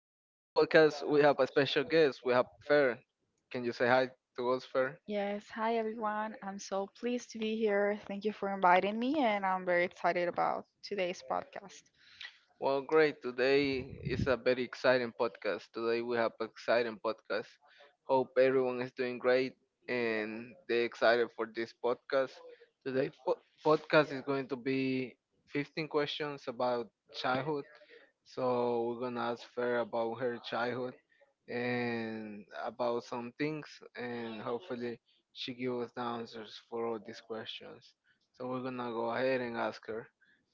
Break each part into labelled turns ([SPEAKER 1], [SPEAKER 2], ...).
[SPEAKER 1] podcast we have a special guest. We have Fer. Can you say hi to us, Fer?
[SPEAKER 2] Yes, hi everyone. I'm so pleased to be here. Thank you for inviting me, and I'm very excited about today's podcast.
[SPEAKER 1] Well, great. Today is a very exciting podcast. Today we have exciting podcast. Hope everyone is doing great and they excited for this podcast. Today po- Podcast is going to be 15 questions about childhood. So we're gonna ask her about her childhood and about some things, and hopefully she gives us the answers for all these questions. So we're gonna go ahead and ask her.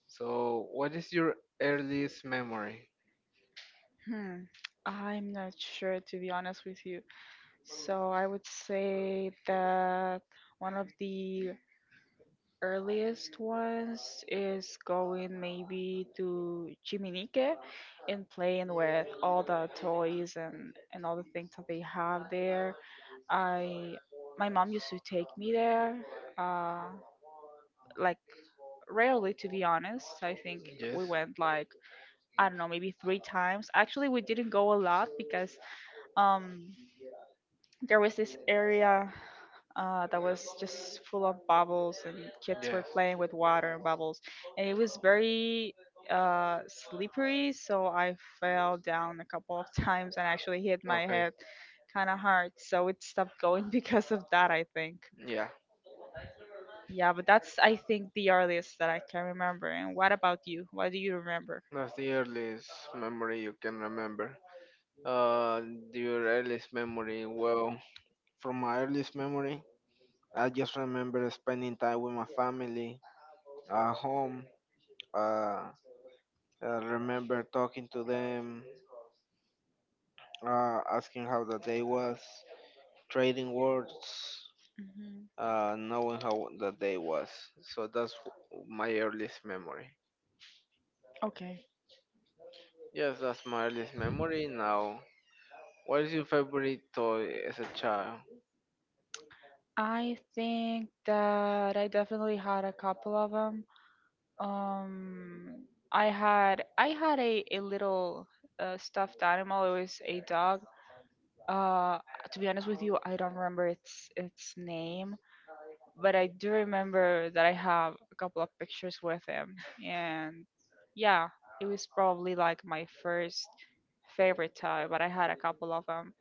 [SPEAKER 1] So, what is your earliest memory?
[SPEAKER 2] Hmm, I'm not sure to be honest with you. So I would say that one of the earliest ones is going maybe to Chiminique and playing with all the toys and all the things that they have there. I My mom used to take me there. Uh, like Rarely, to be honest. I think
[SPEAKER 1] Yes.
[SPEAKER 2] we went like, I don't know, maybe three times. Actually, we didn't go a lot because um there was this area that was just full of bubbles and kids were
[SPEAKER 1] Yes.
[SPEAKER 2] playing with water and bubbles, and it was very slippery, so I fell down a couple of times and actually hit my
[SPEAKER 1] Okay.
[SPEAKER 2] head kind of hard, so it stopped going because of that, I think.
[SPEAKER 1] Yeah.
[SPEAKER 2] Yeah, but that's I think the earliest that I can remember. And what about you? What do you remember?
[SPEAKER 1] That's the earliest memory you can remember. Uh, your earliest memory. Well, from my earliest memory, I just remember spending time with my family at home. Uh, I remember talking to them, asking how the day was, trading words,
[SPEAKER 2] Mhm.
[SPEAKER 1] knowing how the day was. So that's my earliest memory.
[SPEAKER 2] Okay.
[SPEAKER 1] Yes, that's my earliest memory. Now, what is your favorite toy as a child?
[SPEAKER 2] I think that I definitely had a couple of them. I had a little stuffed animal. It was a dog. Uh, to be honest with you, I don't remember its name, but I do remember that I have a couple of pictures with him. And yeah, it was probably like my first favorite toy, but I had a couple of them.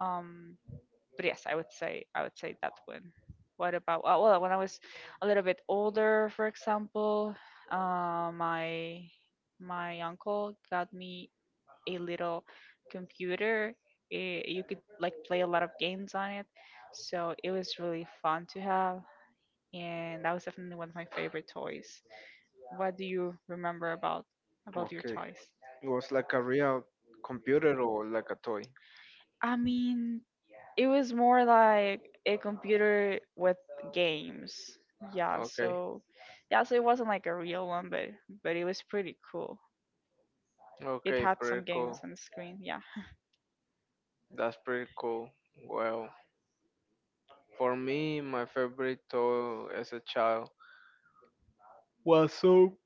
[SPEAKER 2] Um, but yes, I would say that one. What about, well, when I was a little bit older, for example, my my uncle got me a little computer. You could like play a lot of games on it, so it was really fun to have, and that was definitely one of my favorite toys. What do you remember about your
[SPEAKER 1] Okay,
[SPEAKER 2] toys?
[SPEAKER 1] it was like a real computer or like a toy.
[SPEAKER 2] I mean, it was more like a computer with games. Yeah,
[SPEAKER 1] Okay.
[SPEAKER 2] so yeah, so it wasn't like a real one, but it was pretty cool. It
[SPEAKER 1] Okay,
[SPEAKER 2] had some
[SPEAKER 1] pretty cool.
[SPEAKER 2] games on the screen. Yeah.
[SPEAKER 1] That's pretty cool. Well, for me, my favorite toy as a child was some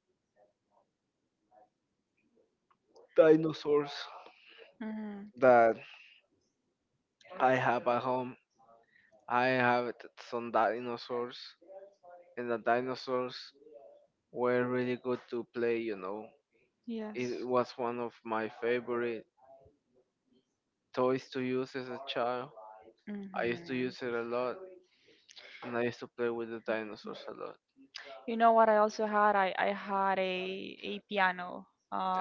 [SPEAKER 1] dinosaurs
[SPEAKER 2] Hmm.
[SPEAKER 1] that I have at home. I have some dinosaurs, and the dinosaurs were really good to play, you know. It
[SPEAKER 2] Yes.
[SPEAKER 1] was one of my favorite toys to use as a child. I used to
[SPEAKER 2] Hmm.
[SPEAKER 1] use it a lot, and I used to play with the dinosaurs a lot.
[SPEAKER 2] You know what I also had? I had a piano.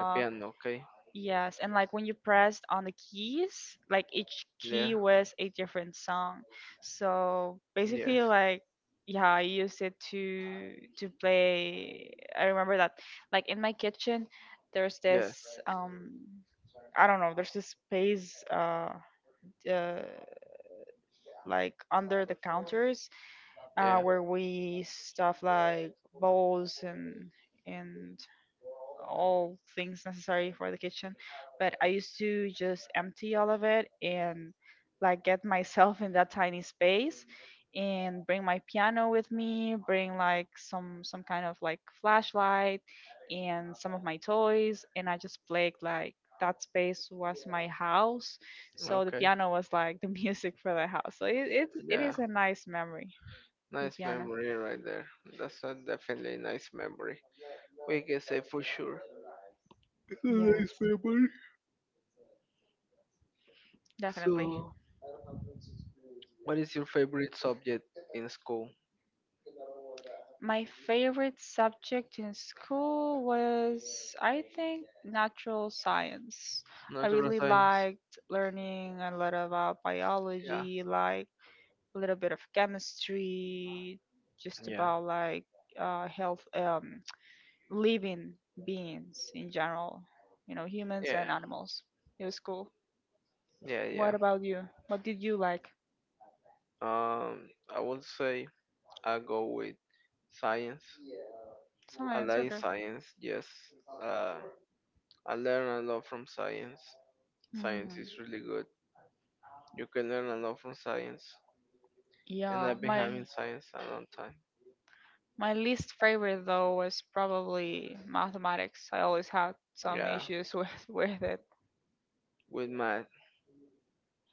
[SPEAKER 1] A piano, okay?
[SPEAKER 2] Yes, and like when you pressed on the keys, like each
[SPEAKER 1] Yeah.
[SPEAKER 2] key was a different song. So
[SPEAKER 1] Yes.
[SPEAKER 2] basically like, yeah, I used it to play. I remember that like in my kitchen there's
[SPEAKER 1] Yes.
[SPEAKER 2] this, I don't know, there's this space, uh like under the counters,
[SPEAKER 1] Yeah.
[SPEAKER 2] where we stuff like bowls and all things necessary for the kitchen. But I used to just empty all of it and like get myself in that tiny space and bring my piano with me, bring like some kind of like flashlight and some of my toys, and I just played like that space was my house, so the
[SPEAKER 1] Okay.
[SPEAKER 2] piano was like the music for the house. So it
[SPEAKER 1] Yeah.
[SPEAKER 2] is a nice memory, the
[SPEAKER 1] Nice
[SPEAKER 2] piano.
[SPEAKER 1] memory right there. That's a definitely nice memory. We can say for sure. It's a nice
[SPEAKER 2] Yes,
[SPEAKER 1] memory.
[SPEAKER 2] definitely.
[SPEAKER 1] So, what is your favorite subject in school?
[SPEAKER 2] My favorite subject in school was, I think, natural science. I
[SPEAKER 1] Natural
[SPEAKER 2] really
[SPEAKER 1] science.
[SPEAKER 2] liked learning a lot about
[SPEAKER 1] Yeah.
[SPEAKER 2] biology, like a little bit of chemistry, just
[SPEAKER 1] Yeah.
[SPEAKER 2] about like, health, living beings in general, you know, humans
[SPEAKER 1] Yeah.
[SPEAKER 2] and animals. It was cool.
[SPEAKER 1] Yeah. Yeah.
[SPEAKER 2] What about you? What did you like?
[SPEAKER 1] Um, I would say I go with science. I
[SPEAKER 2] Science,
[SPEAKER 1] like
[SPEAKER 2] okay.
[SPEAKER 1] science. Yes, uh, I learn a lot from science. Science
[SPEAKER 2] Mm.
[SPEAKER 1] is really good. You can learn a lot from science, and
[SPEAKER 2] Yeah,
[SPEAKER 1] I've been
[SPEAKER 2] my.
[SPEAKER 1] having science a long time.
[SPEAKER 2] My least favorite though was probably mathematics. I always had some
[SPEAKER 1] Yeah,
[SPEAKER 2] issues with with it.
[SPEAKER 1] with math.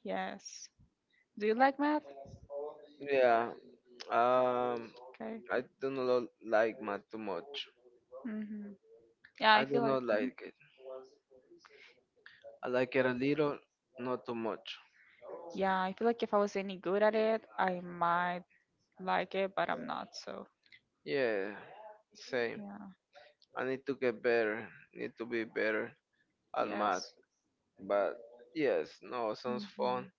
[SPEAKER 2] Yes. Do you like math?
[SPEAKER 1] Yeah, um,
[SPEAKER 2] Okay.
[SPEAKER 1] I do not like math too much.
[SPEAKER 2] Hmm. Yeah,
[SPEAKER 1] I
[SPEAKER 2] I
[SPEAKER 1] do
[SPEAKER 2] feel like
[SPEAKER 1] not
[SPEAKER 2] mhm.
[SPEAKER 1] like it. I like it a little, not too much.
[SPEAKER 2] Yeah, I feel like if I was any good at it, I might like it, but I'm not. So
[SPEAKER 1] Yeah, same.
[SPEAKER 2] yeah.
[SPEAKER 1] I need to get better. Need to be better. At math.
[SPEAKER 2] Yes.
[SPEAKER 1] But yes, no, sounds fun.
[SPEAKER 2] Hmm.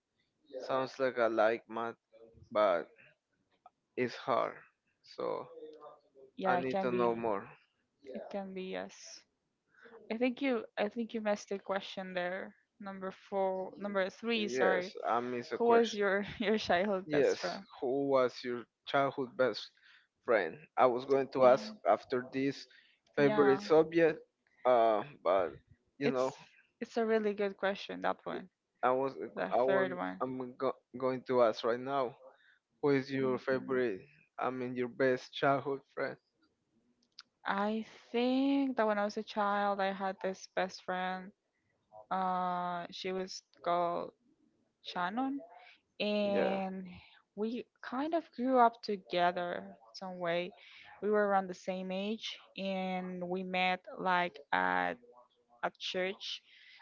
[SPEAKER 1] Sounds like I like math, but it's hard. So I
[SPEAKER 2] Yeah, it
[SPEAKER 1] need
[SPEAKER 2] can
[SPEAKER 1] to
[SPEAKER 2] be.
[SPEAKER 1] know more.
[SPEAKER 2] It can be, yes. I think you missed the question there. Number four, number three,
[SPEAKER 1] Yes,
[SPEAKER 2] sorry.
[SPEAKER 1] I miss a
[SPEAKER 2] Who was
[SPEAKER 1] question.
[SPEAKER 2] your your childhood
[SPEAKER 1] Yes,
[SPEAKER 2] best friend?
[SPEAKER 1] who was your childhood best friend? I was going to ask
[SPEAKER 2] Eh,
[SPEAKER 1] after this favorite
[SPEAKER 2] yeah.
[SPEAKER 1] subject, but you know,
[SPEAKER 2] It's it's a really good question, that
[SPEAKER 1] it-
[SPEAKER 2] one.
[SPEAKER 1] I was
[SPEAKER 2] The third one.
[SPEAKER 1] going to ask right now. Who is your
[SPEAKER 2] Mhm.
[SPEAKER 1] favorite? I mean, your best childhood friend?
[SPEAKER 2] I think that when I was a child, I had this best friend. She was called Shannon,
[SPEAKER 1] Yeah.
[SPEAKER 2] and we kind of grew up together some way. We were around the same age, and we met like at church.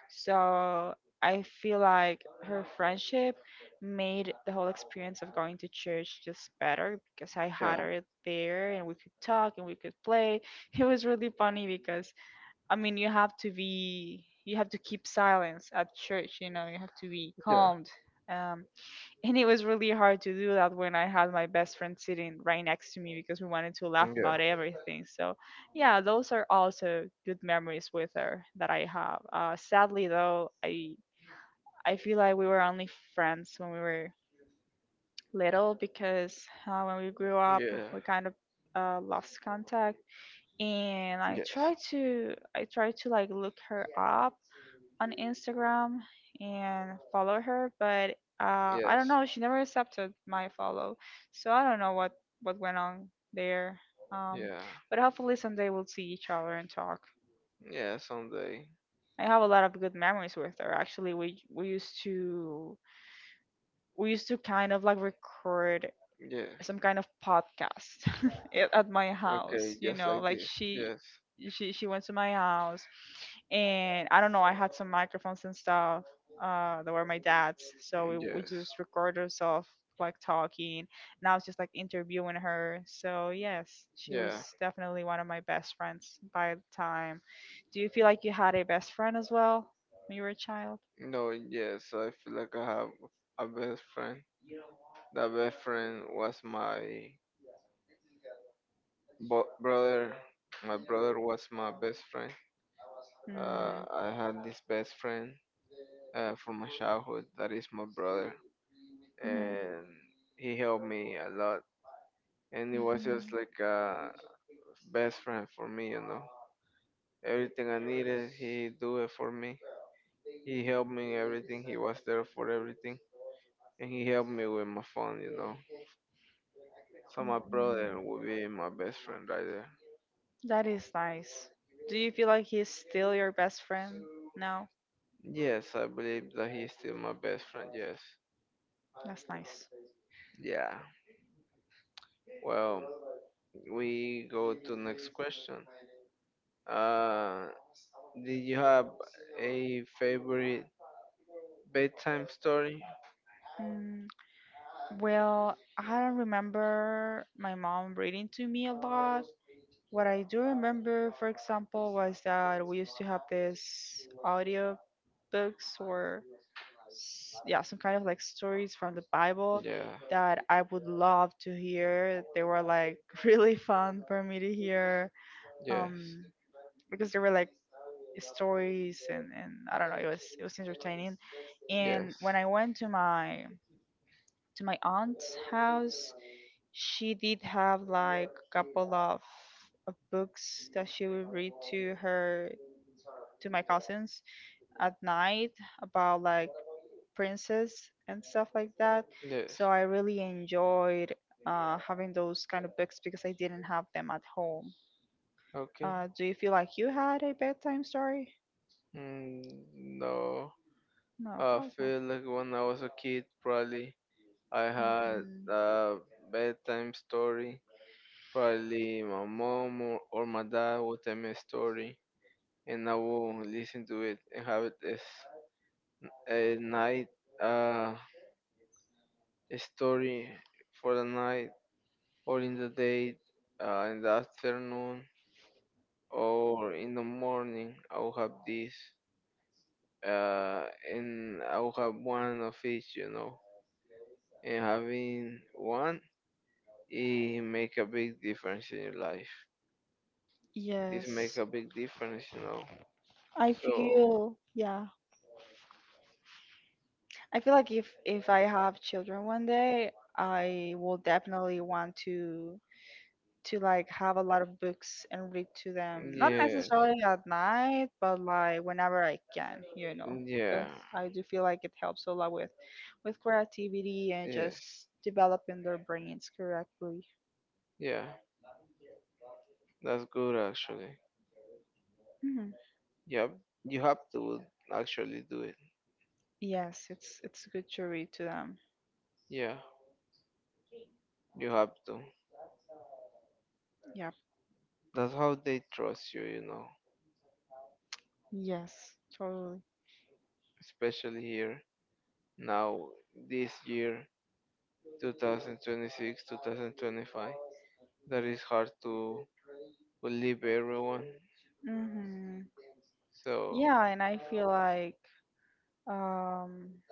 [SPEAKER 2] So I feel like her friendship made the whole experience of going to church just better because I had
[SPEAKER 1] Yeah.
[SPEAKER 2] her there and we could talk and we could play. It was really funny because, I mean, you have to be, you have to keep silence at church, you know, you have to be
[SPEAKER 1] Yeah.
[SPEAKER 2] calmed. Um, and it was really hard to do that when I had my best friend sitting right next to me because we wanted to laugh about everything. So, yeah, those are also good memories with her that I have. Sadly, though, I feel like we were only friends when we were little because, when we grew up,
[SPEAKER 1] Yeah. Yeah.
[SPEAKER 2] we kind of, lost contact. And
[SPEAKER 1] Yes.
[SPEAKER 2] I try to like look her up on Instagram and follow her, but, I don't
[SPEAKER 1] Yes.
[SPEAKER 2] know. She never accepted my follow, so I don't know what went on there. Um,
[SPEAKER 1] Yeah.
[SPEAKER 2] but hopefully someday we'll see each other and talk.
[SPEAKER 1] Yeah. Someday.
[SPEAKER 2] I have a lot of good memories with her. Actually, we used to kind of like record
[SPEAKER 1] Yes.
[SPEAKER 2] some kind of podcast at my
[SPEAKER 1] Okay.
[SPEAKER 2] house, you
[SPEAKER 1] Just
[SPEAKER 2] know,
[SPEAKER 1] like
[SPEAKER 2] like
[SPEAKER 1] this. Yes.
[SPEAKER 2] she went to my house, and I don't know, I had some microphones and stuff, that were my dad's, so we
[SPEAKER 1] Yes.
[SPEAKER 2] just recorded ourselves like talking, and I was just like interviewing her. So yes, she
[SPEAKER 1] Yeah.
[SPEAKER 2] was definitely one of my best friends by the time. Do you feel like you had a best friend as well when you were a child?
[SPEAKER 1] No, yes, I feel like I have a best friend. That best friend was my brother. My brother was my best friend.
[SPEAKER 2] Hmm.
[SPEAKER 1] I had this best friend from my childhood. That is my brother,
[SPEAKER 2] Mhm.
[SPEAKER 1] and he helped me a lot. And he was just
[SPEAKER 2] Mhm.
[SPEAKER 1] like a best friend for me, you know. Everything I needed, he do it for me. He helped me in everything. He was there for everything, and he helped me with my phone, you know. So my
[SPEAKER 2] Mhm.
[SPEAKER 1] brother would be my best friend right there.
[SPEAKER 2] That is nice. Do you feel like he's still your best friend? No?
[SPEAKER 1] Yes, I believe that he's still my best friend. Yes.
[SPEAKER 2] That's nice.
[SPEAKER 1] Yeah. Well, we go to next question. Uh, did you have a favorite bedtime story?
[SPEAKER 2] Mm, well, I don't remember my mom reading to me a lot. What I do remember, for example, was that we used to have this audio books or yeah, some kind of like stories from the Bible
[SPEAKER 1] Yeah.
[SPEAKER 2] that I would love to hear. They were like really fun for me to hear,
[SPEAKER 1] Yes.
[SPEAKER 2] um, because there were like stories, and I don't know, it was, it was entertaining. And
[SPEAKER 1] Yes.
[SPEAKER 2] when I went to my aunt's house, she did have like a couple of books that she would read to her to my cousins at night about like princess and stuff like that.
[SPEAKER 1] Yes.
[SPEAKER 2] So I really enjoyed, having those kind of books because I didn't have them at home.
[SPEAKER 1] Okay.
[SPEAKER 2] Do you feel like you had a bedtime story?
[SPEAKER 1] Mm, no,
[SPEAKER 2] No.
[SPEAKER 1] I
[SPEAKER 2] Okay.
[SPEAKER 1] feel like when I was a kid, probably I had
[SPEAKER 2] Mhm.
[SPEAKER 1] a bedtime story. Probably my mom or, my dad would tell me a story, and I would listen to it and have it as a night uh, a story for the night or in the day, in the afternoon or in the morning. I would have this. uh, and I will have one of each, you know. And having one, it make a big difference in your life. It make
[SPEAKER 2] Yes.
[SPEAKER 1] a big difference, you know.
[SPEAKER 2] I
[SPEAKER 1] So
[SPEAKER 2] feel, yeah. I feel like if I have children one day, I will definitely want to like have a lot of books and read to them. Not
[SPEAKER 1] yeah,
[SPEAKER 2] necessarily at night, but like whenever I can, you know,
[SPEAKER 1] yeah,
[SPEAKER 2] because I do feel like it helps a lot with creativity and
[SPEAKER 1] yes,
[SPEAKER 2] just developing their brains correctly.
[SPEAKER 1] yeah. That's good actually.
[SPEAKER 2] Mhm.
[SPEAKER 1] Yep, you have to actually do it.
[SPEAKER 2] Yes, it's good to read to them.
[SPEAKER 1] Yeah, you have to.
[SPEAKER 2] Yep.
[SPEAKER 1] That's how they trust you, you know,
[SPEAKER 2] Yes, totally.
[SPEAKER 1] especially here now this year 2026 2025 that is hard to believe everyone
[SPEAKER 2] Hmm.
[SPEAKER 1] so
[SPEAKER 2] Yeah, and I feel like, Um,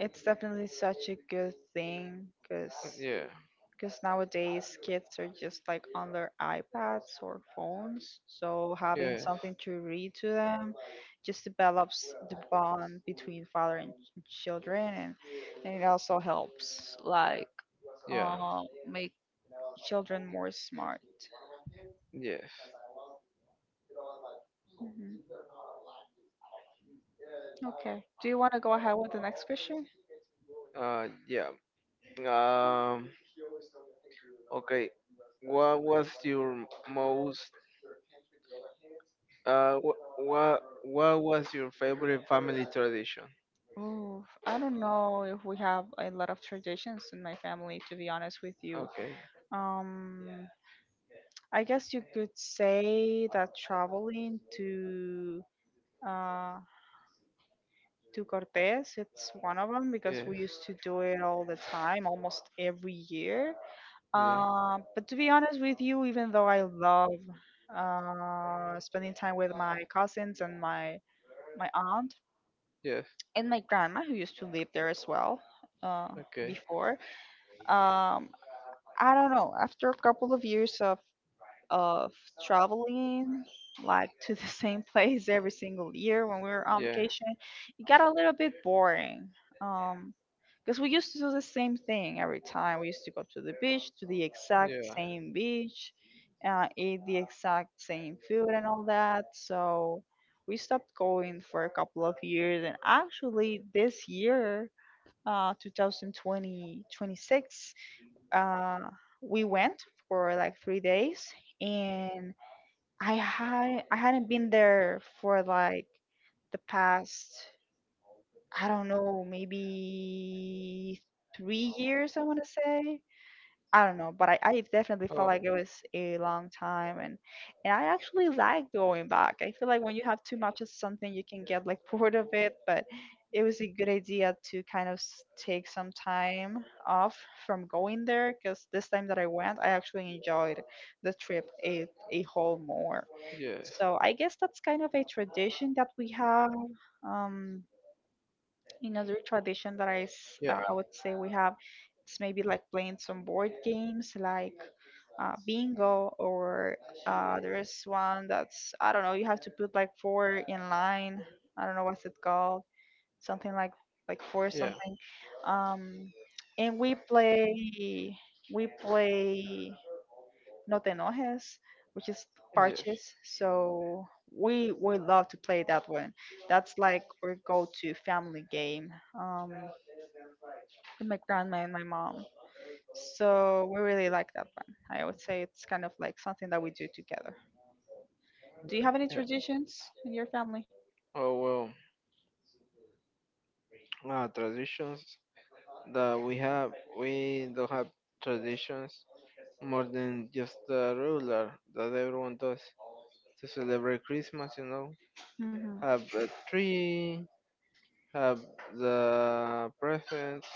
[SPEAKER 2] it's definitely such a good thing because
[SPEAKER 1] yeah,
[SPEAKER 2] nowadays kids are just like on their iPads or phones. So having
[SPEAKER 1] yes,
[SPEAKER 2] something to read to them just develops the bond between father and children, and it also helps like,
[SPEAKER 1] yeah,
[SPEAKER 2] make children more smart.
[SPEAKER 1] yes,
[SPEAKER 2] Hmm. Okay. Do you want to go ahead with the next question?
[SPEAKER 1] yeah, um okay, what was your most what what was your favorite family tradition?
[SPEAKER 2] Oh, I don't know if we have a lot of traditions in my family, to be honest with you.
[SPEAKER 1] Okay.
[SPEAKER 2] Um, I guess you could say that traveling to, uh, to Cortes, it's one of them
[SPEAKER 1] Yeah.
[SPEAKER 2] because we used to do it all the time, almost every year.
[SPEAKER 1] Yeah.
[SPEAKER 2] But to be honest with you, even though I love, spending time with my cousins and my aunt
[SPEAKER 1] Yes.
[SPEAKER 2] and my grandma who used to live there as well, uh,
[SPEAKER 1] Okay.
[SPEAKER 2] before, um I don't know, after a couple of years of of traveling like to the same place every single year when we were on
[SPEAKER 1] Yeah.
[SPEAKER 2] vacation, it got a little bit boring, um because we used to do the same thing every time. We used to go to the beach, to the exact
[SPEAKER 1] Yeah.
[SPEAKER 2] same beach, eat the exact same food and all that. So we stopped going for a couple of years, and actually this year, 2020, uh, we went for like 3 days, and I hadn't been there for like the past, I don't know, maybe 3 years, I want to say. I don't know, but I definitely felt
[SPEAKER 1] Oh.
[SPEAKER 2] like it was a long time. And I actually like going back. I feel like when you have too much of something you can get like bored of it, but it was a good idea to kind of take some time off from going there, because this time that I went, I actually enjoyed the trip a whole more.
[SPEAKER 1] Yes.
[SPEAKER 2] So I guess
[SPEAKER 1] Yeah.
[SPEAKER 2] that's kind of a tradition that we have. Um, another tradition that I, s-
[SPEAKER 1] Yeah.
[SPEAKER 2] uh, I would say we have, it's maybe like playing some board games like bingo or there's one that's, I don't know, you have to put like four in line. I don't know what's it called. Something like four
[SPEAKER 1] Yes.
[SPEAKER 2] something. Um, and we play No Te Enojes, which is parches. So we love to play that one. That's like our go-to family game. Um, with my grandma and my mom. So we really like that one. I would say it's kind of like something that we do together. Do you have any
[SPEAKER 1] Yeah.
[SPEAKER 2] traditions in your family?
[SPEAKER 1] Oh well. Traditions that we have, we don't have traditions more than just the regular that everyone does to celebrate Christmas, you know.
[SPEAKER 2] Hmm.
[SPEAKER 1] Have a tree, have the presents,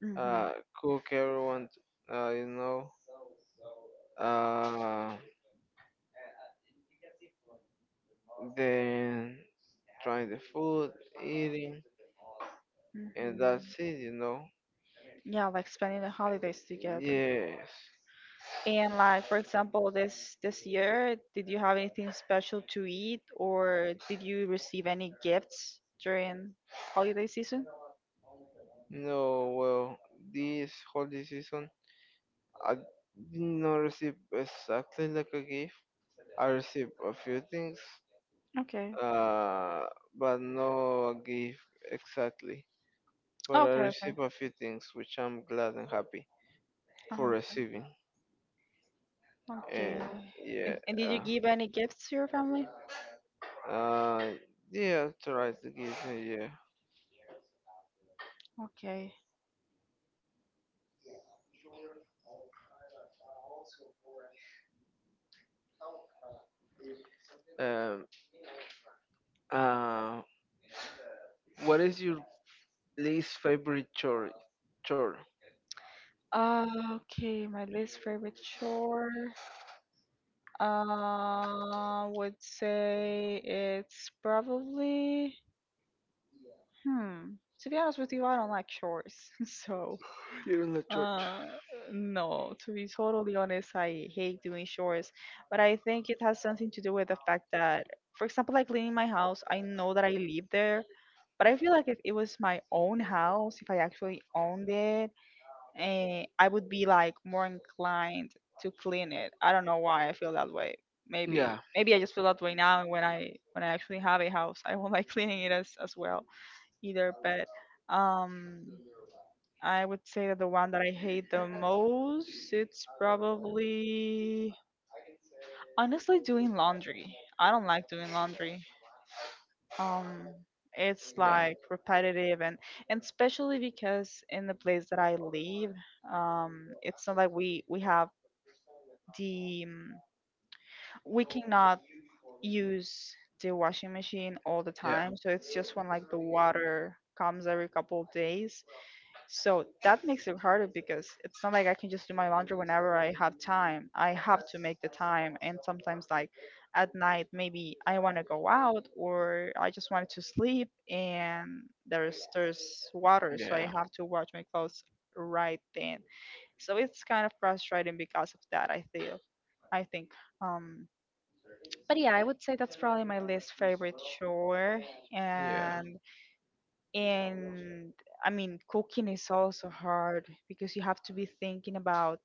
[SPEAKER 2] Hmm.
[SPEAKER 1] uh, cook everyone, you know. Uh, then trying the food, eating, and
[SPEAKER 2] Hmm.
[SPEAKER 1] that's it, you know.
[SPEAKER 2] Yeah, like spending the holidays together.
[SPEAKER 1] Yes.
[SPEAKER 2] And like for example, this year, did you have anything special to eat, or did you receive any gifts during holiday season?
[SPEAKER 1] No, well, this holiday season, I did not receive exactly like a gift. I received a few things,
[SPEAKER 2] Okay.
[SPEAKER 1] uh, but no gift exactly. But I
[SPEAKER 2] Okay. Okay.
[SPEAKER 1] received a few things, which I'm glad and happy for
[SPEAKER 2] Uh-huh.
[SPEAKER 1] receiving.
[SPEAKER 2] Okay.
[SPEAKER 1] And yeah,
[SPEAKER 2] And did you
[SPEAKER 1] uh,
[SPEAKER 2] give any gifts to your family?
[SPEAKER 1] uh, yeah, try to give me, yeah.
[SPEAKER 2] Okay.
[SPEAKER 1] Um, uh, what is your least favorite chore? Chore?
[SPEAKER 2] Uh, okay, my least favorite chore, would say it's probably, hmm, to be honest with you, I don't like chores, so,
[SPEAKER 1] Here in the church.
[SPEAKER 2] uh, no, to be totally honest, I hate doing chores, but I think it has something to do with the fact that, for example, like cleaning my house, I know that I live there, but I feel like if it was my own house, if I actually owned it, I would be like more inclined to clean it. I don't know why I feel that way. Maybe
[SPEAKER 1] Yeah,
[SPEAKER 2] maybe I just feel that way now, and when I actually have a house, I won't like cleaning it as well either, but um, I would say that the one that I hate the most, it's probably honestly doing laundry. I don't like doing laundry. Um, it's
[SPEAKER 1] yeah,
[SPEAKER 2] like repetitive and especially because in the place that I live, it's not like the um, we cannot use the washing machine all the
[SPEAKER 1] yeah,
[SPEAKER 2] time. So it's just when like the water comes every couple of days. So that makes it harder because it's not like I can just do my laundry whenever I have time. I have to make the time, and sometimes like at night maybe I want to go out, or I just wanted to sleep, and there's water, so I
[SPEAKER 1] yeah,
[SPEAKER 2] have to wash my clothes right then. So it's kind of frustrating because of that, I feel. I think um but yeah, I would say that's probably my least favorite chore.
[SPEAKER 1] yeah,
[SPEAKER 2] And and I mean, cooking is also hard because you have to be thinking about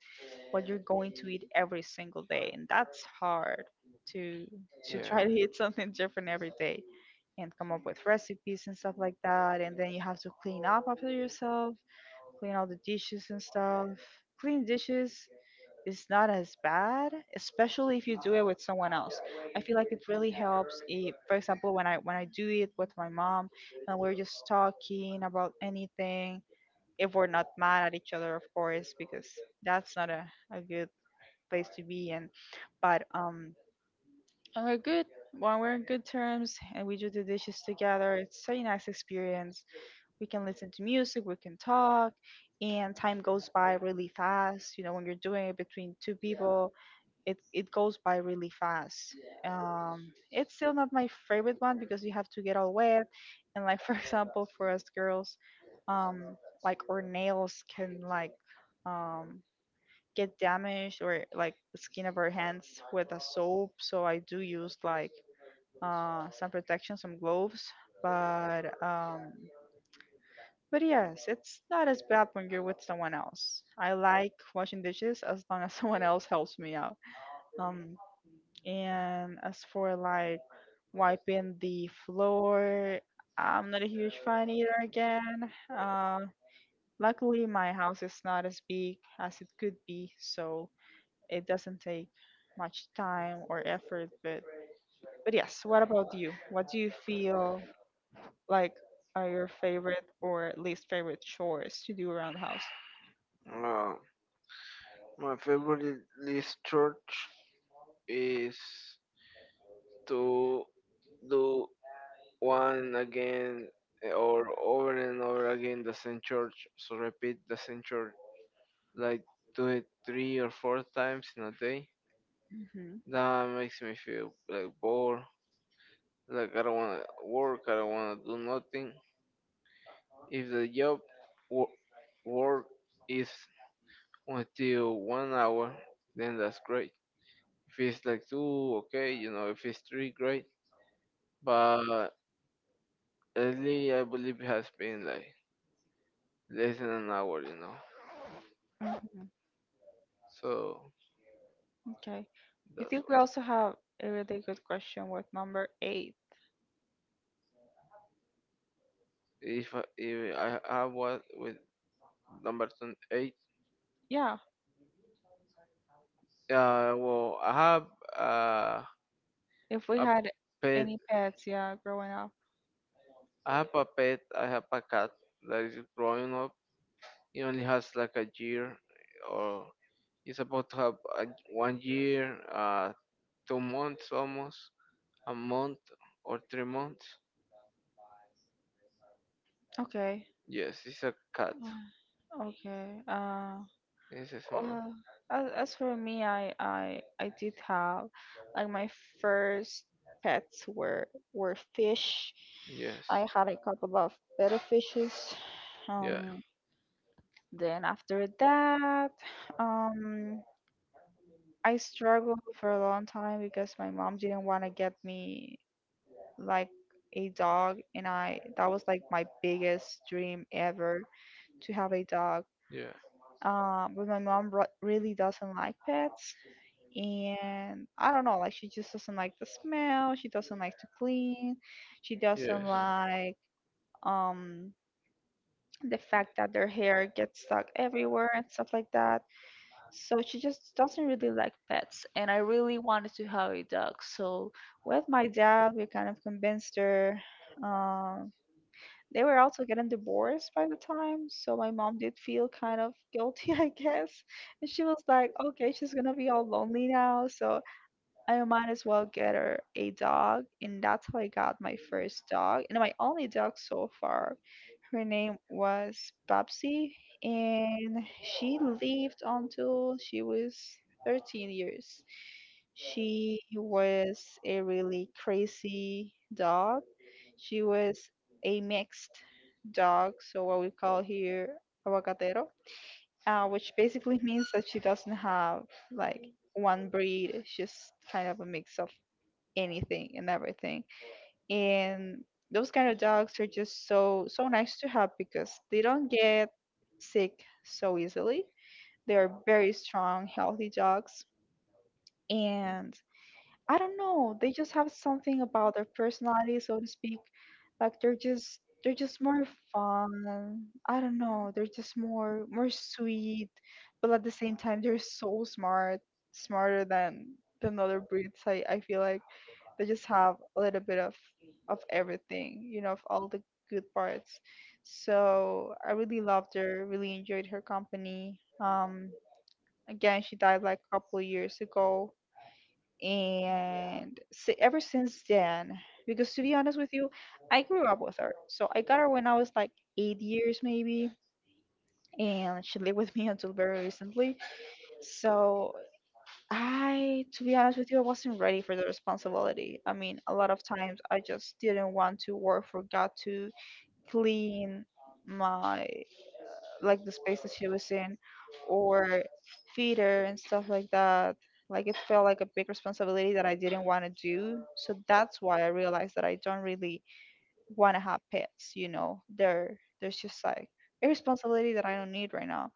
[SPEAKER 2] what you're going to eat every single day, and that's hard to to try to eat something different every
[SPEAKER 1] yeah.
[SPEAKER 2] day, and come up with recipes and stuff like that. And then you have to clean up after yourself, clean all the dishes and stuff. Clean dishes, it's not as bad, especially if you do it with someone else. I feel like it really helps. If, for example, when I do it with my mom, and we're just talking about anything, if we're not mad at each other, of course, because that's not a good place to be in. But when we're good, when we're in good terms and we do the dishes together, it's such a nice experience. We can listen to music, we can talk, and time goes by really fast. You know, when you're doing it between two people, it goes by really fast. It's still not my favorite one because you have to get all wet, and like for example, for us girls, um, like our nails can um get damaged, or like the skin of our hands with a soap. So I do use like some protection, some gloves. but um. But yes, it's not as bad when you're with someone else. I like washing dishes as long as someone else helps me out. Um, and as for like wiping the floor, I'm not a huge fan either again. Um, luckily, my house is not as big as it could be, so it doesn't take much time or effort. But yes, what about you? What do you feel like are your favorite or least favorite chores to do around the house?
[SPEAKER 1] Uh, my favorite this church is to do one again or over and over again the same church. So repeat the same church, like do it three or four times in a day.
[SPEAKER 2] Hmm.
[SPEAKER 1] That makes me feel like bored. Like I don't wanna work. I don't wanna do nothing. If the job wo- work is until 1 hour, then that's great. If it's like two, okay, you know. If it's three, great. But lately, I believe it has been like less than an hour, you know.
[SPEAKER 2] Hmm.
[SPEAKER 1] So
[SPEAKER 2] Okay. I
[SPEAKER 1] that's
[SPEAKER 2] think we also have a really good question with number eight.
[SPEAKER 1] if I have what with number ten eight,
[SPEAKER 2] Yeah,
[SPEAKER 1] eight. Well, I have uh
[SPEAKER 2] if we
[SPEAKER 1] a
[SPEAKER 2] had
[SPEAKER 1] pet.
[SPEAKER 2] any pets, yeah, growing up.
[SPEAKER 1] I have a pet. I have a cat that is growing up. He only has like a year, or he's about to have a, 1 year, 2 months almost, a month or 3 months.
[SPEAKER 2] Okay.
[SPEAKER 1] Yes, it's a cat.
[SPEAKER 2] Uh, Okay. Uh,
[SPEAKER 1] It's a small.
[SPEAKER 2] well, as for me, I did have like my first pets were fish.
[SPEAKER 1] Yes.
[SPEAKER 2] I had a couple of better fishes.
[SPEAKER 1] Yeah.
[SPEAKER 2] Um, then after that, um, I struggled for a long time because my mom didn't want to get me like a dog, and I that was like my biggest dream ever to have a dog.
[SPEAKER 1] Yeah.
[SPEAKER 2] But my mom ru really doesn't like pets, and I don't know, like she just doesn't like the smell, she doesn't like to clean, she doesn't
[SPEAKER 1] Yes.
[SPEAKER 2] like um the fact that their hair gets stuck everywhere and stuff like that. So she just doesn't really like pets, and I really wanted to have a dog. So with my dad, we kind of convinced her. Um, they were also getting divorced by the time, so my mom did feel kind of guilty, I guess. And she was like, "Okay, she's gonna be all lonely now, so I might as well get her a dog." And that's how I got my first dog and my only dog so far. Her name was Babsi, and she lived until she was 13 years. She was a really crazy dog. She was a mixed dog, so what we call here aguacatero, which basically means that she doesn't have like one breed. She's kind of a mix of anything and everything, and those kind of dogs are just so so nice to have because they don't get sick so easily. They are very strong, healthy dogs, and I don't know, they just have something about their personality, so to speak. Like they're just, they're just more fun. I don't know, they're just more, more sweet, but at the same time, they're so smart, smarter than other breeds. I feel like they just have a little bit of everything, you know, of all the good parts. So I really loved her, really enjoyed her company. Again, she died like a couple of years ago, and ever since then, because to be honest with you, I grew up with her, so I got her when I was like 8 years maybe, and she lived with me until very recently. So I, to be honest with you, I wasn't ready for the responsibility. I mean, a lot of times I just didn't want to work, forgot to clean my, like the space that she was in, or feed her and stuff like that. Like it felt like a big responsibility that I didn't want to do. So that's why I realized that I don't really want to have pets, you know. There's just like a responsibility that I don't need right now,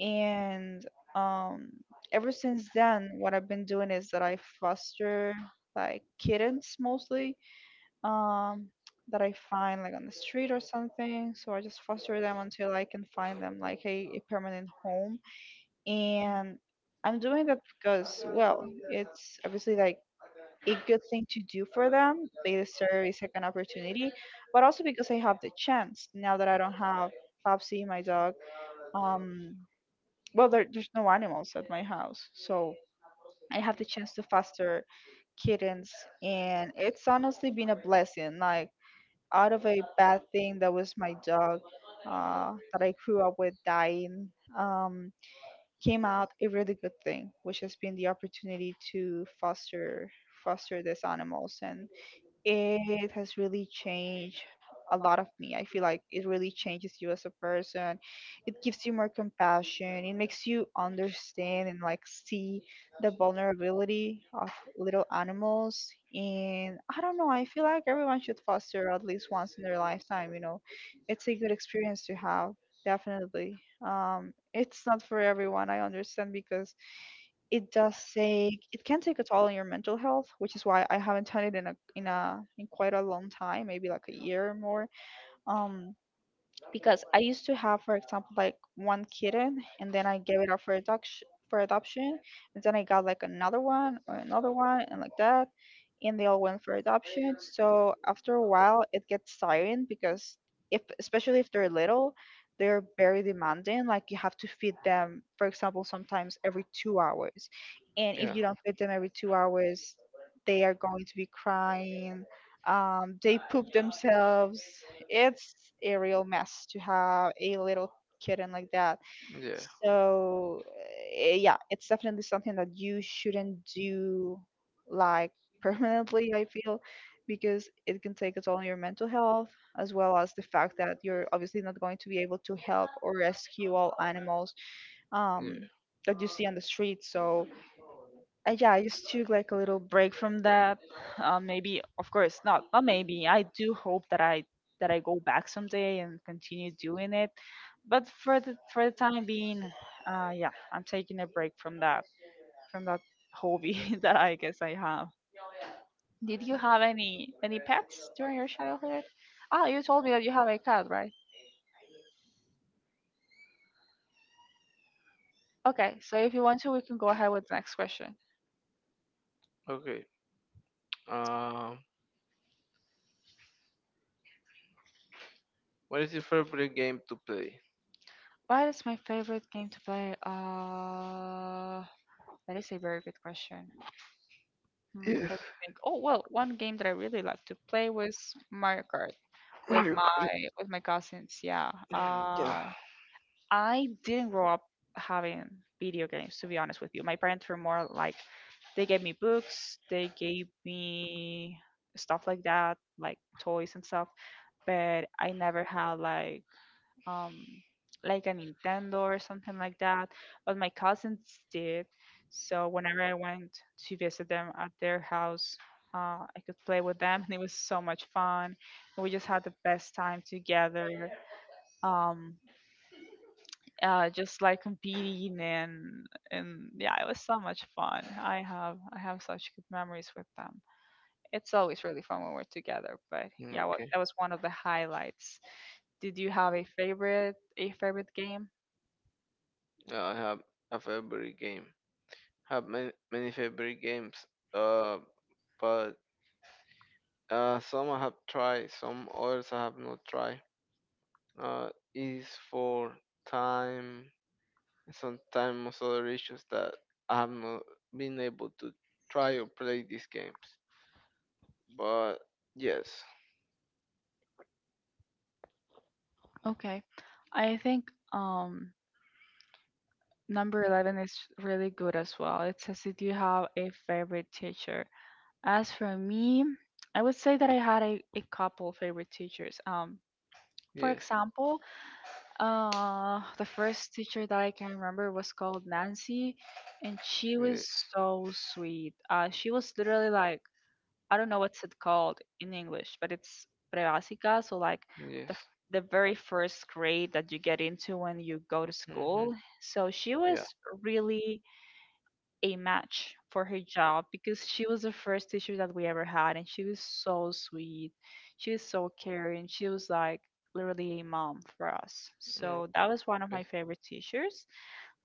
[SPEAKER 2] and um ever since then, what I've been doing is that I foster like kittens mostly, um that I find like on the street or something, so I just foster them until I can find them like a permanent home. And I'm doing that because, well, it's obviously like a good thing to do for them, they deserve a second opportunity, but also because I have the chance now that I don't have Popsy, my dog. um well, there's no animals at my house, so I have the chance to foster kittens, and it's honestly been a blessing. Like out of a bad thing that was my dog, that I grew up with dying, um, came out a really good thing, which has been the opportunity to foster these animals, and it has really changed a lot of me. I feel like it really changes you as a person. It gives you more compassion. It makes you understand and like see the vulnerability of little animals. And I don't know, I feel like everyone should foster at least once in their lifetime, you know. It's a good experience to have, definitely. It's not for everyone, I understand, because it does take, it can take a toll on your mental health, which is why I haven't done it in quite a long time, maybe like a year or more. Um, because I used to have, for example, like one kitten, and then I gave it up for adoption, and then I got like another one or another one, and like that, and they all went for adoption. So after a while, it gets tiring because if, especially if they're little, they're very demanding. Like you have to feed them, for example, sometimes every 2 hours, and if
[SPEAKER 1] Yeah.
[SPEAKER 2] you don't feed them every 2 hours, they are going to be crying. They poop themselves. It's a real mess to have a little kitten like that.
[SPEAKER 1] Yeah.
[SPEAKER 2] So yeah, it's definitely something that you shouldn't do like permanently, I feel, because it can take a toll on your mental health as well as the fact that you're obviously not going to be able to help or rescue all animals
[SPEAKER 1] Yeah.
[SPEAKER 2] um, that you see on the street. So yeah, I just took like a little break from that. Maybe, of course, not maybe. I do hope that I go back someday and continue doing it. But for the time being, yeah, I'm taking a break from that hobby that I guess I have. Did you have any pets during your childhood? Ah, you told me that you have a cat, right? Okay, so if you want to, we can go ahead with the next question.
[SPEAKER 1] Okay. Um. What is your favorite game to play?
[SPEAKER 2] What is my favorite game to play? That is a very good question. Hmm,
[SPEAKER 1] Yes.
[SPEAKER 2] let me think. Oh well, one game that I really like to play was Mario Kart with
[SPEAKER 1] Mario
[SPEAKER 2] my
[SPEAKER 1] Kart.
[SPEAKER 2] with my cousins. Yeah.
[SPEAKER 1] Yeah.
[SPEAKER 2] I didn't grow up having video games, to be honest with you. My parents were more like they gave me books, they gave me stuff like that, like toys and stuff. But I never had um, like a Nintendo or something like that, but my cousins did. So whenever I went to visit them at their house, I could play with them, and it was so much fun. We just had the best time together. Um, just like competing and yeah, it was so much fun. I have such good memories with them. It's always really fun when we're together. But yeah,
[SPEAKER 1] Okay.
[SPEAKER 2] that was one of the highlights. Did you have a favorite game?
[SPEAKER 1] Yeah, I have a favorite game. Have many, many favorite games, uh, but some I have tried, some others I have not tried. Uh, is for time, some time most other issues that I have not been able to try or play these games. But yes,
[SPEAKER 2] Okay. I think um number 11 is really good as well. It says, did you have a favorite teacher? As for me, I would say that I had a couple favorite teachers. For
[SPEAKER 1] yes,
[SPEAKER 2] example, the first teacher that I can remember was called Nancy, and she
[SPEAKER 1] yes,
[SPEAKER 2] was so sweet. She was literally like I don't know what's it called in English, but it's prebásica. So like the
[SPEAKER 1] yes.
[SPEAKER 2] f- the very first grade that you get into when you go to
[SPEAKER 1] Hmm.
[SPEAKER 2] school. So she
[SPEAKER 1] Yeah.
[SPEAKER 2] was really a match for her job because she was the first teacher that we ever had, and she was so sweet. She was so caring. She was like literally a mom for us.
[SPEAKER 1] Mm.
[SPEAKER 2] So that was one of my favorite teachers.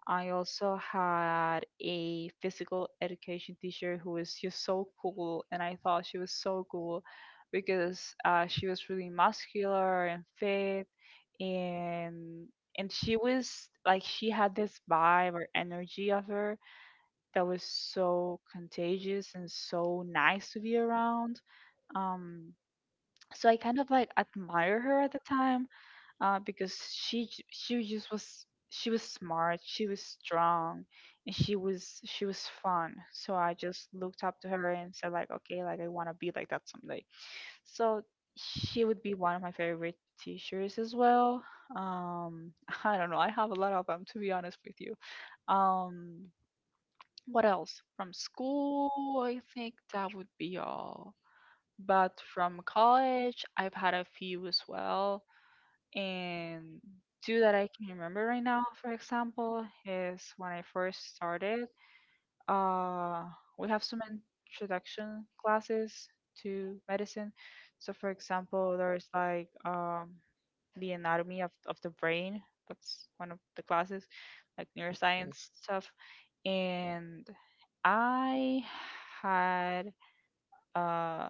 [SPEAKER 2] I also had a physical education teacher who was just so cool, and I thought she was so cool because she was really muscular and fit, and and she was like she had this vibe or energy of her that was so contagious and so nice to be around. Um, so I kind of like admire her at the time because she just was she was smart, she was strong, and she was fun. So I just looked up to her and said like, okay, like I want to be like that someday. So she would be one of my favorite teachers as well. Um, I don't know, I have a lot of them to be honest with you. Um, what else from school? I think that would be all. But from college, I've had a few as well. And two that I can remember right now, for example, is when I first started. Uh, we have some introduction classes to medicine. So, for example, there's like the anatomy of the brain. That's one of the classes, like neuroscience stuff. And I had uh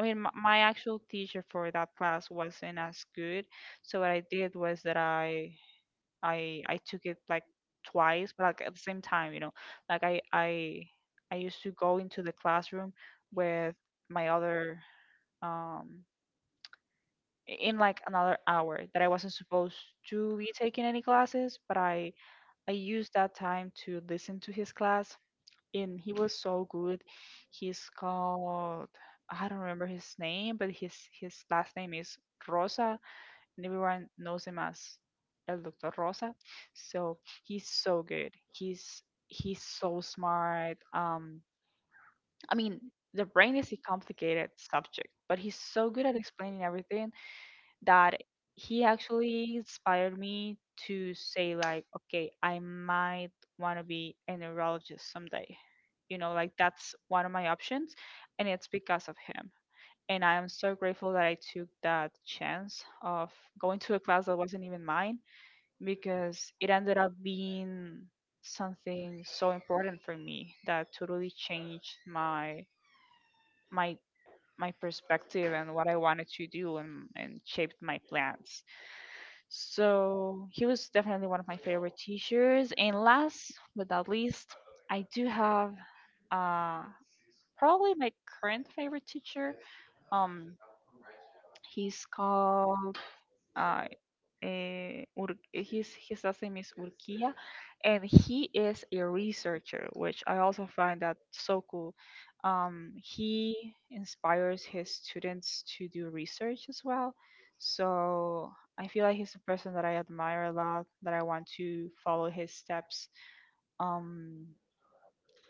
[SPEAKER 2] I mean, my actual teacher for that class wasn't as good. So what I did was that I took it like twice, but like at the same time, you know, like I used to go into the classroom with my other um in like another hour that I wasn't supposed to be taking any classes, but I used that time to listen to his class and he was so good. He's called I don't remember his name, but his last name is Rosa, and everyone knows him as El Doctor Rosa. So he's so good. He's so smart. I mean, the brain is a complicated subject, but he's so good at explaining everything that he actually inspired me to say like, okay, I might want to be a neurologist someday, you know, like that's one of my options, and it's because of him, and I am so grateful that I took that chance of going to a class that wasn't even mine because it ended up being something so important for me that totally changed my my my perspective and what I wanted to do, and shaped my plans. So he was definitely one of my favorite teachers. And last but not least, I do have uh probably my current favorite teacher. Um he's called uh his last name is Urquia, and he is a researcher, which I also find that so cool. He inspires his students to do research as well. So I feel like he's a person that I admire a lot, that I want to follow his steps. Um,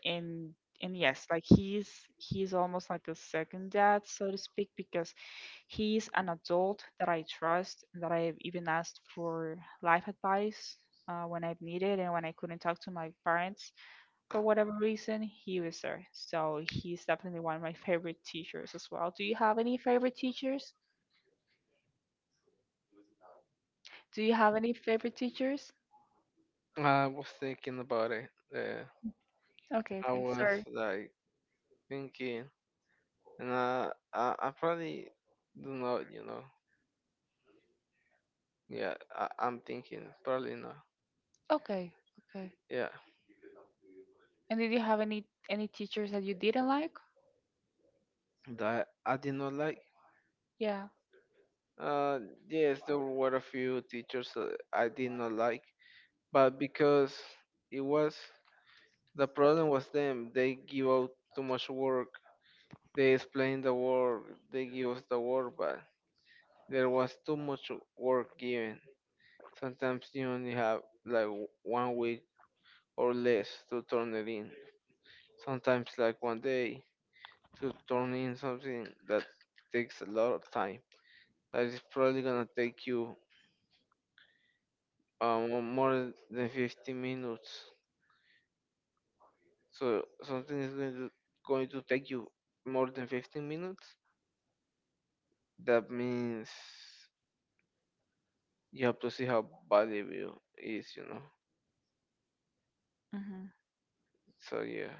[SPEAKER 2] and and yes, like he's almost like the second dad, so to speak, because he's an adult that I trust that I've even asked for life advice when I've needed and when I couldn't talk to my parents for whatever reason, he was there. So he's definitely one of my favorite teachers as well. Do you have any favorite teachers? Do you have any favorite teachers?
[SPEAKER 1] I was thinking about it.
[SPEAKER 2] Okay,
[SPEAKER 1] I
[SPEAKER 2] okay,
[SPEAKER 1] was
[SPEAKER 2] sorry.
[SPEAKER 1] like thinking. And I probably do not, you know. Yeah, I'm thinking probably not.
[SPEAKER 2] Okay, okay.
[SPEAKER 1] Yeah,
[SPEAKER 2] And did you have any teachers that you didn't like?
[SPEAKER 1] that I did not like.
[SPEAKER 2] Yeah.
[SPEAKER 1] Uh, yes, there were a few teachers that I did not like, but because it was the problem was them. They give out too much work. They explain the work. They give us the work, but there was too much work given. Sometimes you only have like 1 week or less to turn it in. Sometimes like one day to turn in something that takes a lot of time. That is probably gonna take you more than 15 minutes. So something is going to take you more than 15 minutes. That means you have to see how valuable is, you know.
[SPEAKER 2] Hmm.
[SPEAKER 1] So yeah,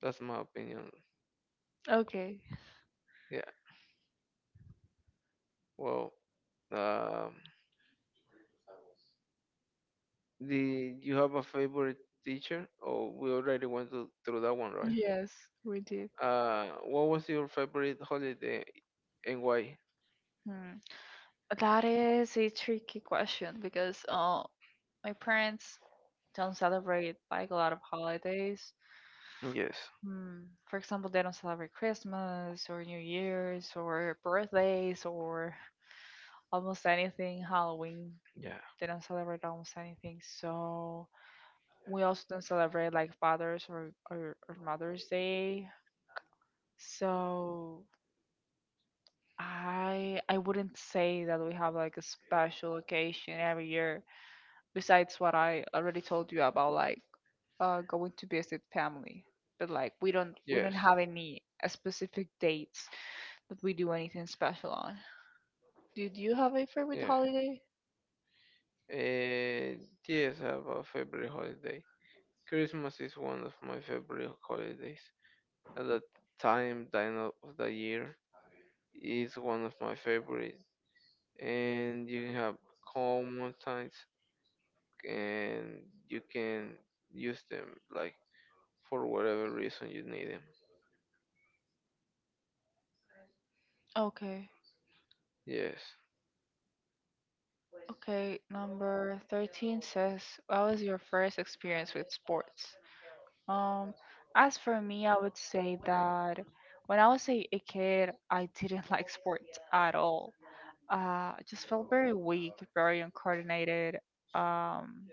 [SPEAKER 1] that's my opinion.
[SPEAKER 2] Okay.
[SPEAKER 1] Yeah. Well, um, the you have a favorite teacher? Oh, we already went to, through that one, right?
[SPEAKER 2] Yes, we did.
[SPEAKER 1] What was your favorite holiday and why?
[SPEAKER 2] Hmm. That is a tricky question because my parents don't celebrate like a lot of holidays.
[SPEAKER 1] Yes.
[SPEAKER 2] Hmm. For example, they don't celebrate Christmas or New Year's or birthdays or almost anything. Halloween,
[SPEAKER 1] Yeah.
[SPEAKER 2] they don't celebrate almost anything. So we also don't celebrate like Father's or Mother's Day. So I wouldn't say that we have like a special occasion every year besides what I already told you about like going to visit family. But like we don't
[SPEAKER 1] Yes.
[SPEAKER 2] have any specific dates that we do anything special on. Do do you have a favorite
[SPEAKER 1] Yeah.
[SPEAKER 2] holiday?
[SPEAKER 1] Uh, yes, I have a favorite holiday. Christmas is one of my favorite holidays. At that time of the year is one of my favorite. And you have calm mountains and you can use them like for whatever reason you need them.
[SPEAKER 2] Okay.
[SPEAKER 1] Yes.
[SPEAKER 2] Okay, number 13 says, what was your first experience with sports? Um, as for me, I would say that when I was a kid, I didn't like sports at all. I just felt very weak, very uncoordinated. Um,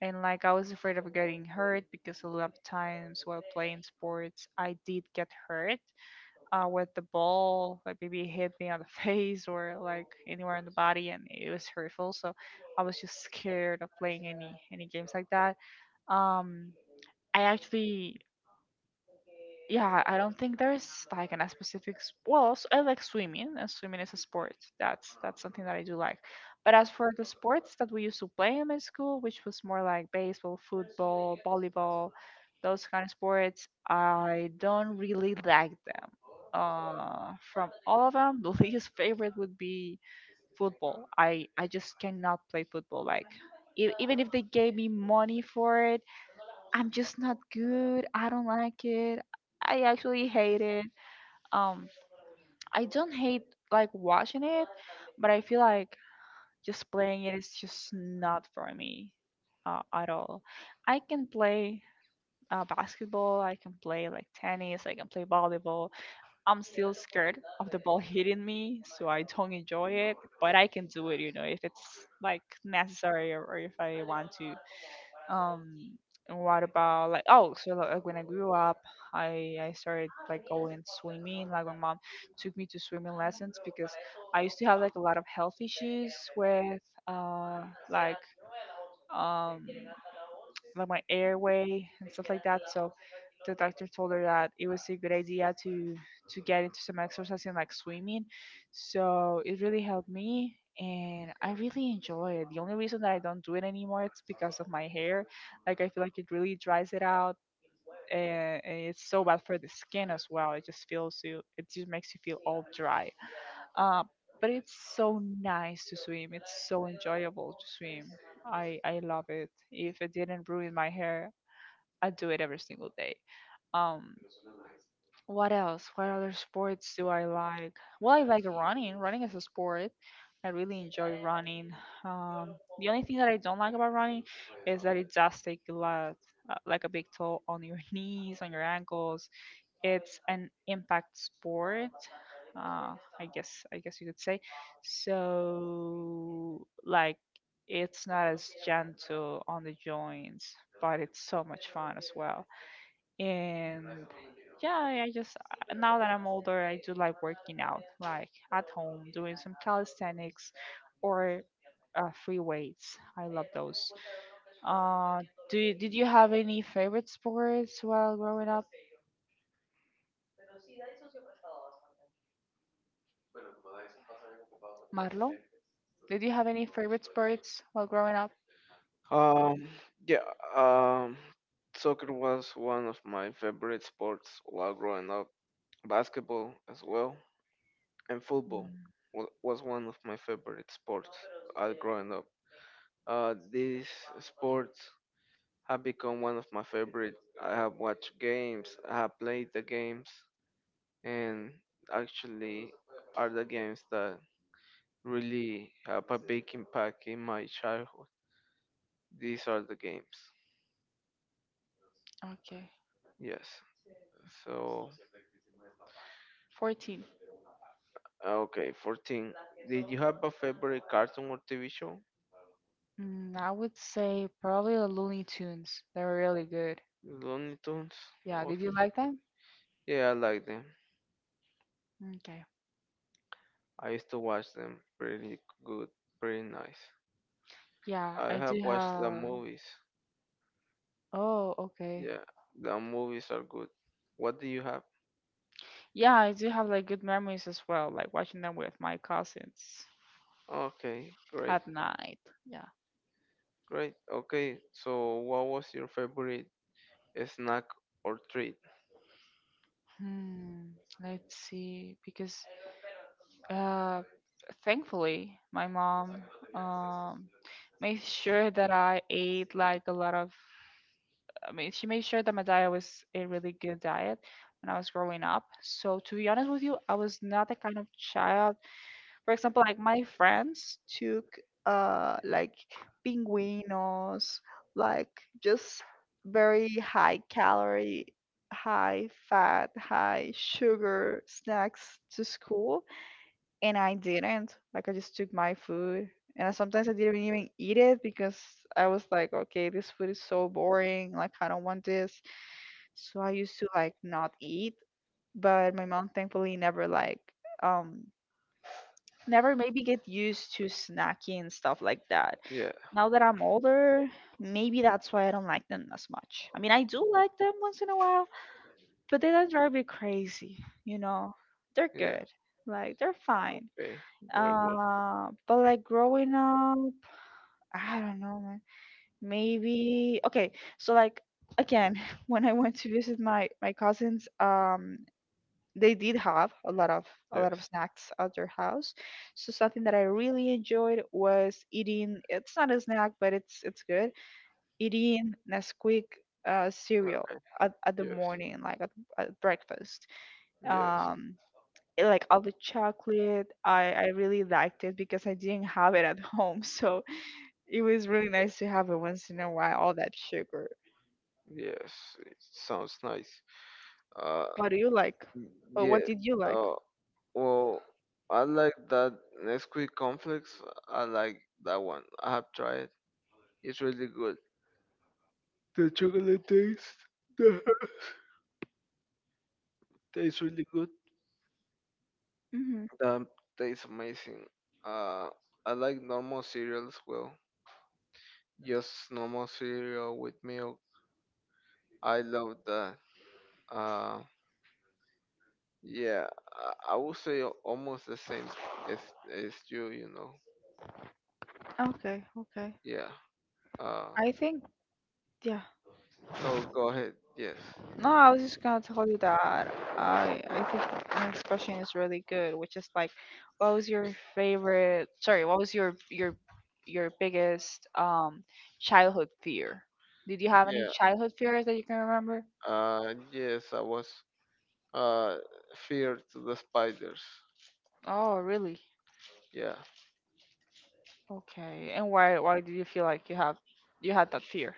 [SPEAKER 2] And like I was afraid of getting hurt because a lot of times while playing sports, I did get hurt with the ball. Like maybe it hit me on the face or like anywhere on the body, and it was hurtful. So I was just scared of playing any games like that. Um, I actually yeah, I don't think there's like an a specific. I like swimming, and swimming is a sport. That's something that I do like. But as for the sports that we used to play in my school, which was more like baseball, football, volleyball, those kind of sports, I don't really like them. From all of them, the least favorite would be football. I just cannot play football. Like even if they gave me money for it, I'm just not good. I don't like it. I actually hate it. Um, I don't hate like watching it, but I feel like just playing it is just not for me at all. I can play basketball. I can play like tennis. I can play volleyball. I'm still scared of the ball hitting me, so I don't enjoy it. But I can do it, you know, if it's like necessary or if I want to. Um, what about like oh, so like, when I grew up, I started like going swimming. Like my mom took me to swimming lessons because I used to have like a lot of health issues with uh like um my airway and stuff like that. So the doctor told her that it was a good idea to get into some exercise and like swimming. So it really helped me and I really enjoy it. The only reason that I don't do it anymore it's because of my hair. Like I feel like it really dries it out and it's so bad for the skin as well. It just feels you it just makes you feel all dry. Uh, but it's so nice to swim. It's so enjoyable to swim. I love it. If it didn't ruin my hair, I do it every single day. Um, what else? What other sports do I like? Well, I like running. Running is a sport. I really enjoy running. The only thing that I don't like about running is that it does take a lot, like a big toll on your knees, on your ankles, it's an impact sport I guess you could say, so like it's not as gentle on the joints, but it's so much fun as well. And yeah, I just now that I'm older, I do like working out, like at home doing some calisthenics, or free weights. I love those. uh did you have any favorite sports while growing up, Marlo, did you have any favorite sports while growing up?
[SPEAKER 1] Um, yeah, um, soccer was one of my favorite sports while growing up. Basketball as well, and football
[SPEAKER 2] Mm.
[SPEAKER 1] was one of my favorite sports growing up. These sports have become one of my favorite. I have watched games, I have played the games, and actually are the games that really have a big impact in my childhood. These are the games.
[SPEAKER 2] Okay.
[SPEAKER 1] Yes. So,
[SPEAKER 2] 14.
[SPEAKER 1] okay, 14. Did you have a favorite cartoon or TV show?
[SPEAKER 2] Mm, I would say probably the Looney Tunes. They were really good.
[SPEAKER 1] Looney Tunes?
[SPEAKER 2] Yeah, did you
[SPEAKER 1] Okay.
[SPEAKER 2] like them?
[SPEAKER 1] Yeah, I like them.
[SPEAKER 2] Okay.
[SPEAKER 1] I used to watch them. Pretty good, pretty nice.
[SPEAKER 2] Yeah,
[SPEAKER 1] I
[SPEAKER 2] I
[SPEAKER 1] have
[SPEAKER 2] do
[SPEAKER 1] watched the
[SPEAKER 2] have.
[SPEAKER 1] movies.
[SPEAKER 2] Oh, okay.
[SPEAKER 1] Yeah, the movies are good. What do you have?
[SPEAKER 2] Yeah, I do have like good memories as well, like watching them with my cousins
[SPEAKER 1] Okay, great,
[SPEAKER 2] at night. Yeah.
[SPEAKER 1] great. Okay, so what was your favorite snack or treat?
[SPEAKER 2] Hmm, let's see, because Uh, thankfully, my mom um made sure that I ate like a lot of. I mean, she made sure that my diet was a really good diet when I was growing up. So to be honest with you, I was not the kind of child. For example, like my friends took uh like pinguinos, like just very high calorie, high fat, high sugar snacks to school, and I didn't. Like I just took my food, and sometimes I didn't even eat it because I was like, okay, this food is so boring. Like I don't want this. So I used to like not eat. But my mom thankfully never like um never maybe get used to snacking and stuff like that.
[SPEAKER 1] Yeah,
[SPEAKER 2] Now that I'm older, maybe that's why I don't like them as much. I mean, I do like them once in a while, but they don't drive me crazy. You know, they're
[SPEAKER 1] yeah.
[SPEAKER 2] good. Like they're fine,
[SPEAKER 1] Okay, they're good.
[SPEAKER 2] but like growing up, I don't know, man. Maybe okay. So like again, when I went to visit my cousins, they did have a lot of
[SPEAKER 1] Yes.
[SPEAKER 2] snacks at their house. So something that I really enjoyed was eating. It's not a snack, but it's good. Eating Nesquik cereal
[SPEAKER 1] Okay.
[SPEAKER 2] at the
[SPEAKER 1] Yes.
[SPEAKER 2] morning, like at breakfast.
[SPEAKER 1] Yes.
[SPEAKER 2] um it- like all the chocolate, I really liked it because I didn't have it at home, so it was really nice
[SPEAKER 1] Yes.
[SPEAKER 2] to have it once in a while, all that sugar.
[SPEAKER 1] Yes. It sounds nice. Uh.
[SPEAKER 2] What do you like,
[SPEAKER 1] Mm,
[SPEAKER 2] or what
[SPEAKER 1] yeah.
[SPEAKER 2] did you like?
[SPEAKER 1] Uh, well, I like that Nesquik conflicts. I like that one. I have tried. It's really good. The chocolate taste, the herb taste really good.
[SPEAKER 2] Hmm.
[SPEAKER 1] The tastes amazing. Uh, I like normal cereal as well. Just normal cereal with milk. I love that. Uh, yeah. I would say almost the same as as you. You know.
[SPEAKER 2] Okay, okay.
[SPEAKER 1] Yeah. Uh,
[SPEAKER 2] I think Yeah.
[SPEAKER 1] no. Go ahead. Yes.
[SPEAKER 2] No, I was just gonna tell you that I think the next question is really good, which is like, what was your favorite? Sorry, what was your your biggest childhood fear? Did you have any
[SPEAKER 1] Yeah.
[SPEAKER 2] childhood fears that you can remember?
[SPEAKER 1] Yes, I was uh feared to the spiders.
[SPEAKER 2] Oh, really?
[SPEAKER 1] Yeah.
[SPEAKER 2] Okay. And why do you feel like you had that fear?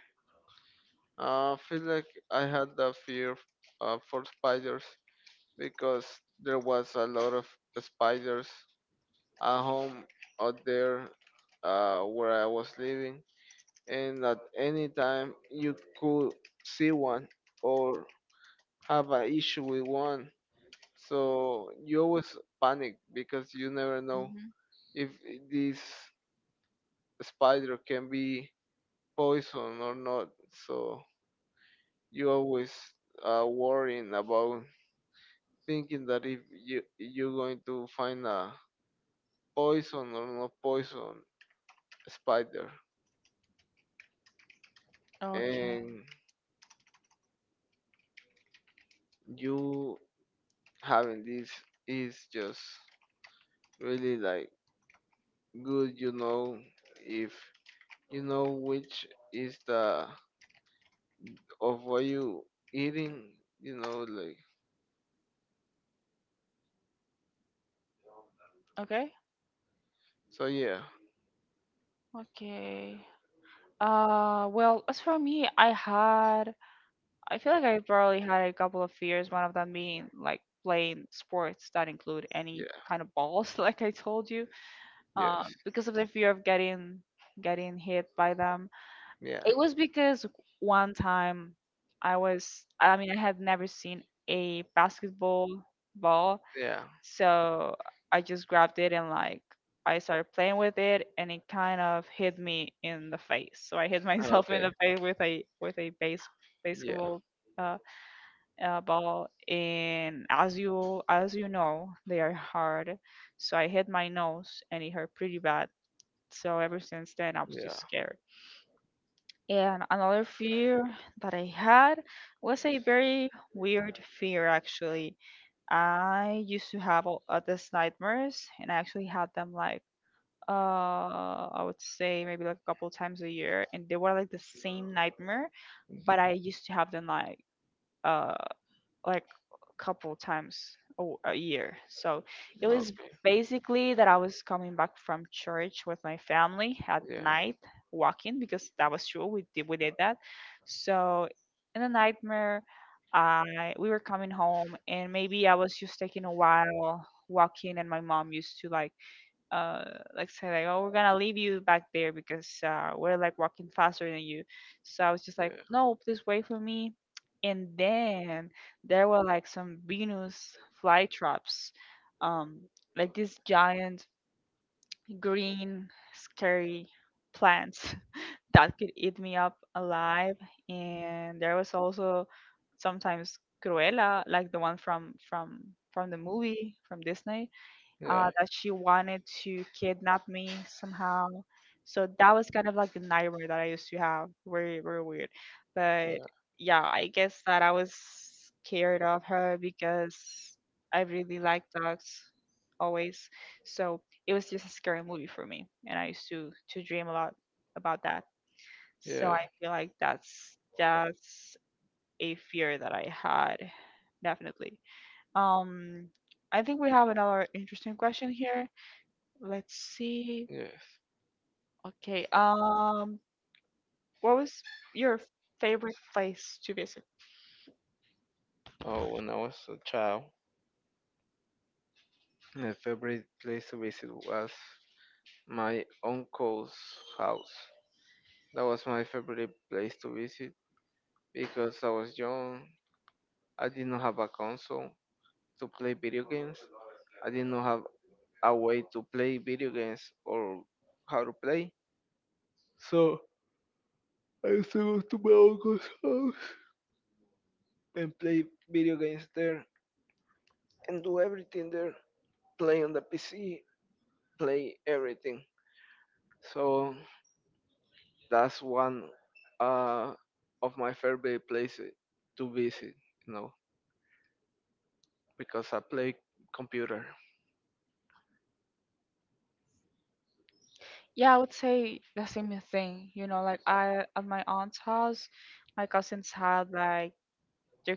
[SPEAKER 1] I feel like I had that fear for spiders because there was a lot of spiders at home out there, where I was living, and at any time you could see one or have an issue with one. So you always panic because you never know
[SPEAKER 2] Hmm.
[SPEAKER 1] if this spider can be poison or not. So you always worrying about thinking that if you're going to find a poison or not poison spider,
[SPEAKER 2] Okay.
[SPEAKER 1] and you having this is just really like good. You know if you know which is the of what you eating. You know, like
[SPEAKER 2] Okay.
[SPEAKER 1] so yeah,
[SPEAKER 2] Okay. Well, as for me, I feel like I probably had a couple of fears, one of them being like playing sports that include
[SPEAKER 1] yeah,
[SPEAKER 2] any kind of balls, like I told you,
[SPEAKER 1] yes,
[SPEAKER 2] because of the fear of getting hit by them.
[SPEAKER 1] yeah,
[SPEAKER 2] It was because one time I mean, I had never seen a basketball ball,
[SPEAKER 1] yeah.
[SPEAKER 2] so I just grabbed it and like I started playing with it, and it kind of hit me in the face. So I hit
[SPEAKER 1] Oh,
[SPEAKER 2] myself in
[SPEAKER 1] okay.
[SPEAKER 2] the face with a base
[SPEAKER 1] Yeah.
[SPEAKER 2] basketball. Uh, about and as you know, they are hard, so I hit my nose and it hurt pretty bad. So ever since then, I was just
[SPEAKER 1] Yeah.
[SPEAKER 2] scared. And another fear that I had was a very weird fear. Actually, I used to have all these nightmares, and I actually had them like I would say maybe like a couple times a year, and they were like the same nightmare. But I used to have them like uh like a couple times a year. So it
[SPEAKER 1] Mm,
[SPEAKER 2] was
[SPEAKER 1] okay.
[SPEAKER 2] basically that I was coming back from church with my family at
[SPEAKER 1] Yeah. Yeah.
[SPEAKER 2] night, walking, because that was true. We did that. So in the nightmare, I we were coming home, and maybe I was just taking a while walking, and my mom used to like uh say like, oh, we're gonna leave you back there because uh, we're like walking faster than you. So I was just like,
[SPEAKER 1] Yeah.
[SPEAKER 2] no, please wait for me. And then there were like some Venus flytraps, um like these giant, green, scary plants that could eat me up alive. And there was also sometimes Cruella, like the one from from the movie, from Disney, that she wanted to kidnap me somehow. So that was kind of like the nightmare that I used to have. Very, very weird. But
[SPEAKER 1] Yeah.
[SPEAKER 2] yeah, I guess that I was scared of her because I really like dogs, always. So it was just a scary movie for me. And I used to dream a lot about that. So
[SPEAKER 1] Yeah.
[SPEAKER 2] I feel like that's a fear that I had, definitely. Um, I think we have another interesting question here. Let's see.
[SPEAKER 1] Yes.
[SPEAKER 2] Okay. What was your favorite place to visit?
[SPEAKER 1] Oh, when I was a child, my favorite place to visit was my uncle's house. That was my favorite place to visit because I was young. I did not have a console to play video games. I did not have a way to play video games or how to play. So I used to go to my uncle's house and play video games there and do everything there. Play on the PC, play everything. So that's one uh, of my favorite places to visit, you know, because I play computer.
[SPEAKER 2] Yeah, I would say the same thing. You know, like I, at my aunt's house, my cousins had like their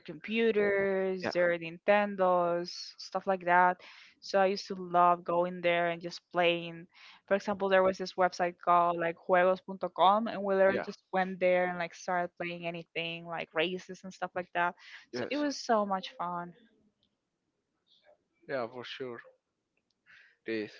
[SPEAKER 1] Yeah,
[SPEAKER 2] computers, their Nintendos, stuff like that. So I used to love going there and just playing. For example, there was this website called like juegos.com, and we literally
[SPEAKER 1] yeah,
[SPEAKER 2] just went there and like started playing anything, like races and stuff like that. So it
[SPEAKER 1] yes,
[SPEAKER 2] was so much fun.
[SPEAKER 1] yeah, for sure. This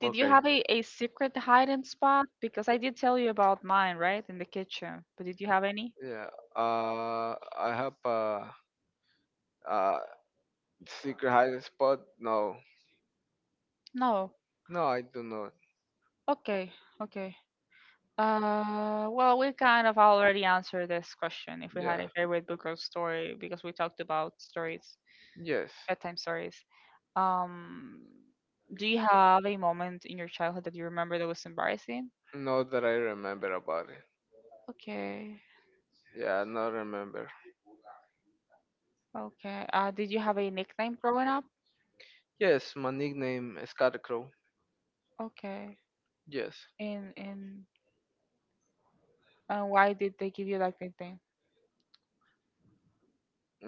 [SPEAKER 2] Did you
[SPEAKER 1] okay.
[SPEAKER 2] have a secret hiding spot? Because I did tell you about mine, right? In the kitchen. But did you have any?
[SPEAKER 1] Yeah. I have a secret hiding spot. No,
[SPEAKER 2] No.
[SPEAKER 1] no, I do not.
[SPEAKER 2] Okay. Okay. Well, we kind of already answered this question, if we had
[SPEAKER 1] Yeah.
[SPEAKER 2] a favorite book or story, because we talked about stories,
[SPEAKER 1] Yes.
[SPEAKER 2] bedtime stories. Um, do you have a moment in your childhood that you remember that was embarrassing?
[SPEAKER 1] Not that I remember about it.
[SPEAKER 2] Okay.
[SPEAKER 1] Yeah, not remember.
[SPEAKER 2] Okay. Did you have a nickname growing up?
[SPEAKER 1] Yes, my nickname is Scarecrow.
[SPEAKER 2] Okay.
[SPEAKER 1] Yes,
[SPEAKER 2] In why did they give you like that thing?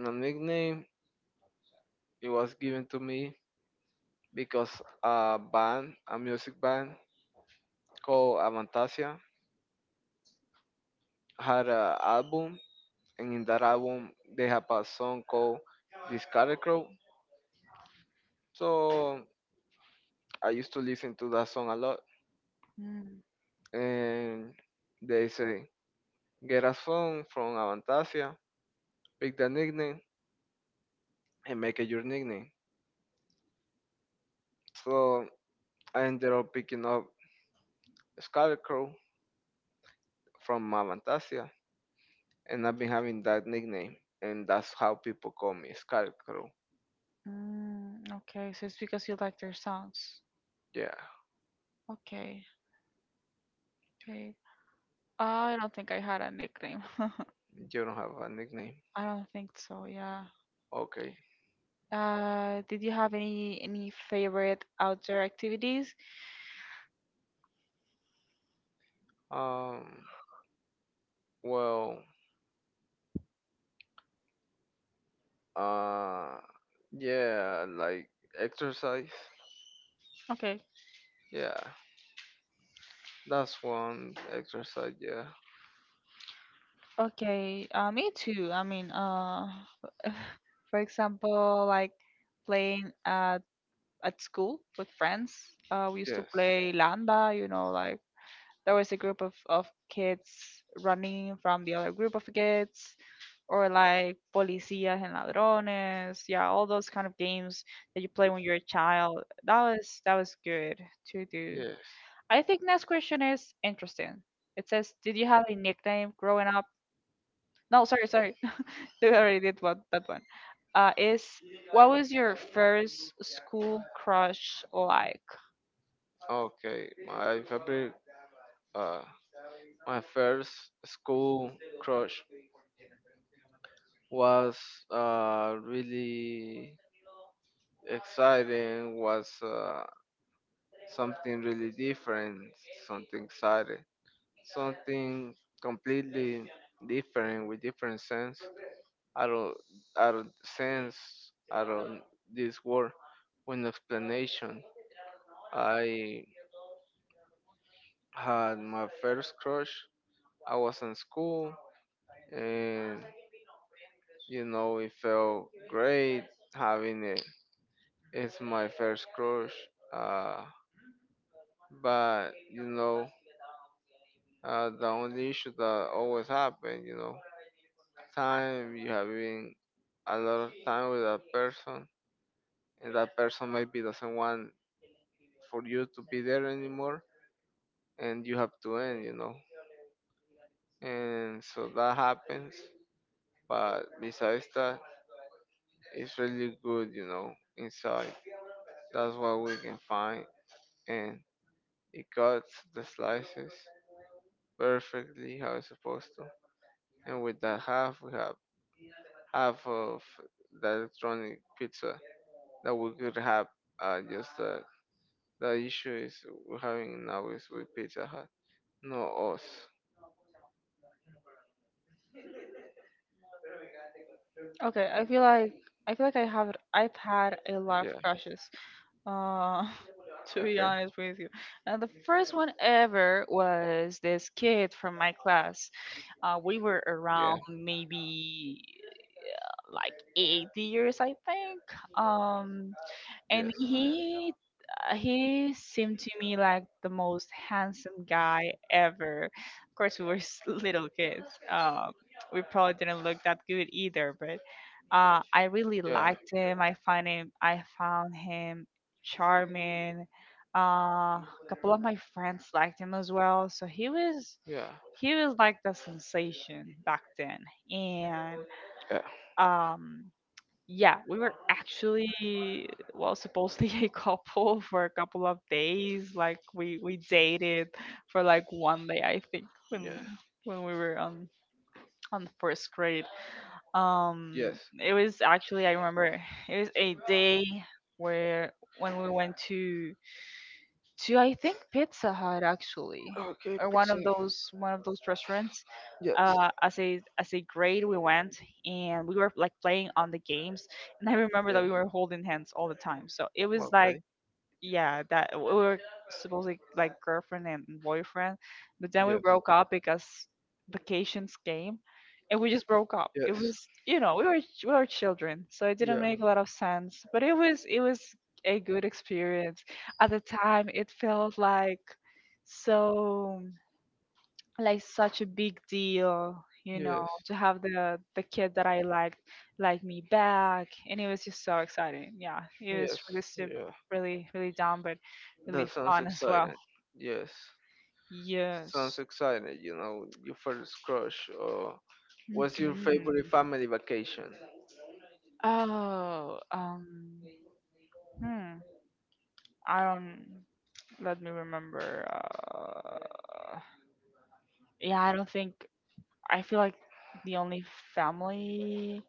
[SPEAKER 1] my nickname, it was given to me because a band, a music band called Avantasia, had an album, and in that album they have a song called "The Scarecrow." So I used to listen to that song a lot.
[SPEAKER 2] Mm.
[SPEAKER 1] And they say, get a song from Avantasia, pick the nickname, and make it your nickname. So I ended up picking up Scarecrow from Avantasia, and I've been having that nickname. And that's how people call me Scarecrow.
[SPEAKER 2] Mm, okay, so it's because you like their songs.
[SPEAKER 1] Yeah,
[SPEAKER 2] Okay, okay. I don't think I had a nickname.
[SPEAKER 1] you don't have a nickname.
[SPEAKER 2] I don't think so. Yeah.
[SPEAKER 1] Okay.
[SPEAKER 2] Did you have any favorite outdoor activities?
[SPEAKER 1] Um, well, uh, yeah, like exercise.
[SPEAKER 2] Okay.
[SPEAKER 1] Yeah, that's one exercise. Yeah.
[SPEAKER 2] Okay. Me too. I mean, for example, like playing at school with friends. We used to
[SPEAKER 1] Yes.
[SPEAKER 2] play Landa. You know, like there was a group of kids running from the other group of kids, or like policías and ladrones. Yeah, all those kind of games that you play when you're a child. That was that was good to do.
[SPEAKER 1] Yes.
[SPEAKER 2] I think next question is interesting. It says, did you have a nickname growing up? No, sorry, they already did one that one. Is What was your first school crush like?
[SPEAKER 1] Okay. My favorite uh my first school crush was really exciting, was something really different, something exciting, something completely different with different sense, out of out of sense, out of this world. With no explanation, I had my first crush. I was in school, and you know, it felt great having it. It's my first crush, uh, but you know, the only issue that always happen, you know, time you having a lot of time with that person and that person maybe doesn't want for you to be there anymore and you have to end, you know. And so that happens, but besides that, it's really good, you know, inside that's what we can find. And it cuts the slices perfectly how it's supposed to, and with that half we have half of the electronic pizza that we could have, just the issue is we're having now is with Pizza Hut, no us.
[SPEAKER 2] Okay, I feel like I have I've had a lot of
[SPEAKER 1] Yeah.
[SPEAKER 2] crushes. Uh, to be
[SPEAKER 1] Okay.
[SPEAKER 2] honest with you, now the first one ever was this kid from my class. We were around
[SPEAKER 1] Yeah.
[SPEAKER 2] maybe like 8 years, I think. Um, and
[SPEAKER 1] Yes.
[SPEAKER 2] he seemed to me like the most handsome guy ever. Of course, we were little kids. We probably didn't look that good either, but I really
[SPEAKER 1] Yeah.
[SPEAKER 2] liked him. I find him. I found him charming. A couple of my friends liked him as well. So
[SPEAKER 1] Yeah.
[SPEAKER 2] he was like the sensation back then, and
[SPEAKER 1] Yeah.
[SPEAKER 2] um yeah, we were actually, well, supposedly a couple for a couple of days. Like we dated for like one day, I think,
[SPEAKER 1] Yeah.
[SPEAKER 2] when we were on the first grade.
[SPEAKER 1] Yes.
[SPEAKER 2] It was actually, I remember, it was a day where when we went to I think Pizza Hut actually,
[SPEAKER 1] Okay.
[SPEAKER 2] or one
[SPEAKER 1] Pizza.
[SPEAKER 2] of those restaurants.
[SPEAKER 1] Yes.
[SPEAKER 2] As a grade, we went, and we were like playing on the games, and I remember
[SPEAKER 1] Yeah.
[SPEAKER 2] that we were holding hands all the time. So it was like
[SPEAKER 1] Okay.
[SPEAKER 2] yeah, that we were supposedly like girlfriend and boyfriend, but then we
[SPEAKER 1] Yes.
[SPEAKER 2] broke up because vacations came, and we just broke up. It
[SPEAKER 1] Yes.
[SPEAKER 2] was, you know, we were we were children, so it didn't
[SPEAKER 1] Yeah.
[SPEAKER 2] make a lot of sense. But it was a good experience. At the time, it felt like so like such a big deal,
[SPEAKER 1] Yes.
[SPEAKER 2] to have the kid that I liked like me back, and it was just so exciting. Yeah, it was
[SPEAKER 1] Yes. Yeah.
[SPEAKER 2] really, really dumb, but really
[SPEAKER 1] That sounds
[SPEAKER 2] fun as well.
[SPEAKER 1] exciting. Yes. Sounds
[SPEAKER 2] Yes.
[SPEAKER 1] exciting, you know, your first crush. Or what's your favorite
[SPEAKER 2] Mhm.
[SPEAKER 1] family vacation?
[SPEAKER 2] Oh, hmm I don't. Let me remember yeah I don't think, I feel like the only family,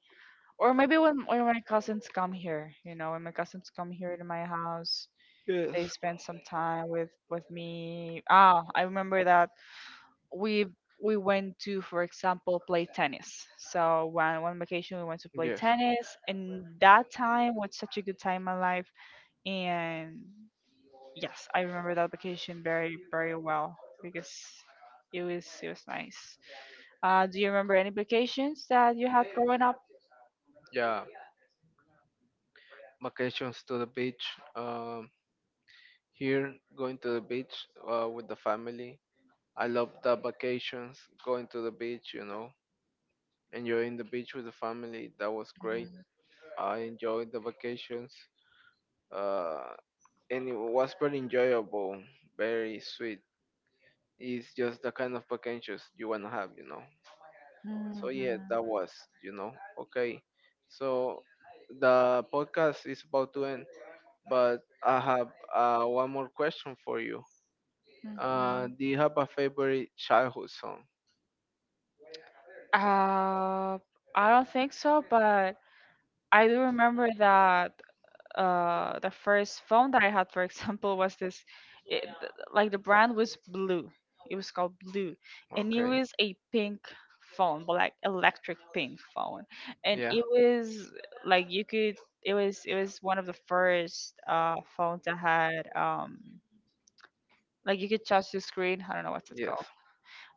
[SPEAKER 2] or maybe when my cousins come here, when my cousins come here to my house,
[SPEAKER 1] Yes.
[SPEAKER 2] they spend some time with me. Ah, I remember that we we went to, for example, play tennis. So one vacation we went to play
[SPEAKER 1] Yes.
[SPEAKER 2] tennis, and that time was such a good time in my life. And yes, I remember that vacation very, very well because it was nice. Do you remember any vacations that you had growing up?
[SPEAKER 1] Yeah, vacations to the beach. Um, here, going to the beach with the family. I love the vacations, going to the beach, you know, enjoying the beach with the family. That was great.
[SPEAKER 2] Mhm.
[SPEAKER 1] I enjoyed the vacations, uh, and it was very enjoyable, very sweet. It's just the kind of packages you want to have, you know. So yeah,
[SPEAKER 2] Mhm.
[SPEAKER 1] that was, you know, okay. So the podcast is about to end, but I have one more question for you.
[SPEAKER 2] Mhm.
[SPEAKER 1] Do you have a favorite childhood song?
[SPEAKER 2] Uh, I don't think so, but I do remember that the first phone that I had, for example, was this. Like the brand was Blue. It was called Blue, and it
[SPEAKER 1] Okay.
[SPEAKER 2] was a pink phone, but like electric pink phone, and
[SPEAKER 1] Yeah.
[SPEAKER 2] it was like you could. It was one of the first phones that had like you could touch the screen. I don't know what's it
[SPEAKER 1] Yes.
[SPEAKER 2] called,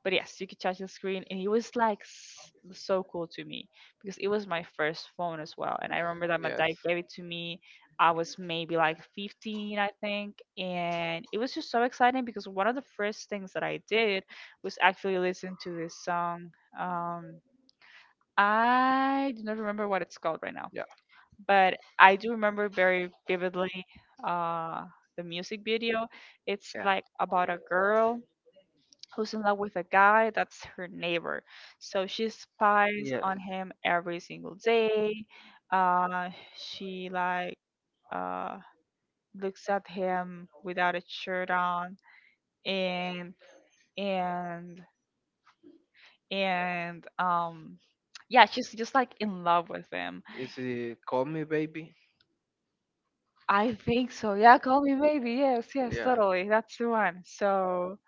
[SPEAKER 2] but yes, you could touch the screen, and he was like so cool to me because it was my first phone as well. And I remember that my
[SPEAKER 1] Yes.
[SPEAKER 2] dad gave it to me. I was maybe like 15, I think, and it was just so exciting because one of the first things that I did was actually listen to this song. Um, I do not remember what it's called right now,
[SPEAKER 1] Yeah.
[SPEAKER 2] but I do remember very vividly, uh, the music video. It's
[SPEAKER 1] Yeah.
[SPEAKER 2] like about a girl who's in love with a guy that's her neighbor. So she spies
[SPEAKER 1] Yes.
[SPEAKER 2] on him every single day. Uh, she like, uh, looks at him without a shirt on, and and and um, yeah, she's just like in love with him.
[SPEAKER 1] Is it Call Me Baby?
[SPEAKER 2] I think so. Yeah, call me maybe. Yes, yes,
[SPEAKER 1] Yeah.
[SPEAKER 2] totally. That's the one. So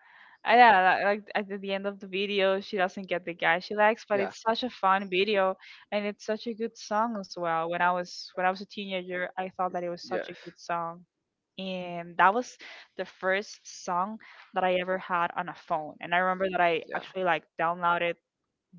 [SPEAKER 2] I yeah, like at the end of the video, she doesn't get the guy she likes, but
[SPEAKER 1] Yeah.
[SPEAKER 2] it's such a fun video, and it's such a good song as well. When I was a teenager, I thought that it was such
[SPEAKER 1] Yes.
[SPEAKER 2] a good song. And that was the first song that I ever had on a phone. And I remember that I
[SPEAKER 1] Yeah.
[SPEAKER 2] actually like downloaded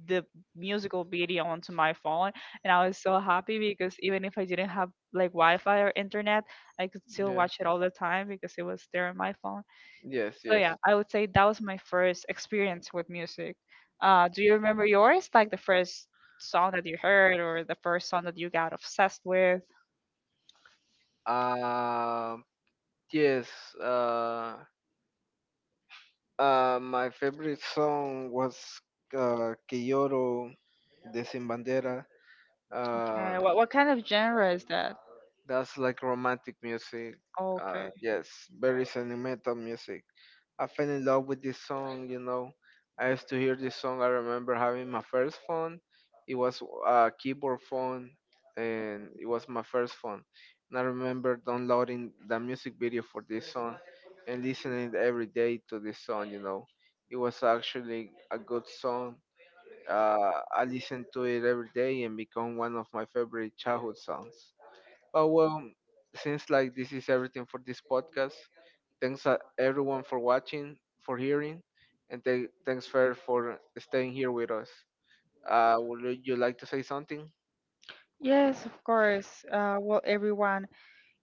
[SPEAKER 2] the musical video onto my phone, and I was so happy because even if I didn't have like Wi-Fi or internet, I could still
[SPEAKER 1] Yes.
[SPEAKER 2] watch it all the time because it was there on my phone.
[SPEAKER 1] Yes,
[SPEAKER 2] So
[SPEAKER 1] yes.
[SPEAKER 2] yeah, I would say that was my first experience with music. Do you remember yours? Like the first song that you heard, or the first song that you got obsessed with?
[SPEAKER 1] Um, yes. Uh, my favorite song was Que Lloro de Sin Bandera. Uh,
[SPEAKER 2] Okay, what kind of genre is that?
[SPEAKER 1] that's like romantic music.
[SPEAKER 2] Okay.
[SPEAKER 1] Yes, very sentimental music. I fell in love with this song, you know. I used to hear this song. I remember having my first phone. It was a keyboard phone, and it was my first phone. And I remember downloading the music video for this song and listening every day to this song, you know. It was actually a good song. I listened to it every day and become one of my favorite childhood songs. But well, since like this is everything for this podcast, thanks everyone for watching, for hearing, and thanks Fer for staying here with us. Would you like to say something?
[SPEAKER 2] Yes, of course. Well, everyone,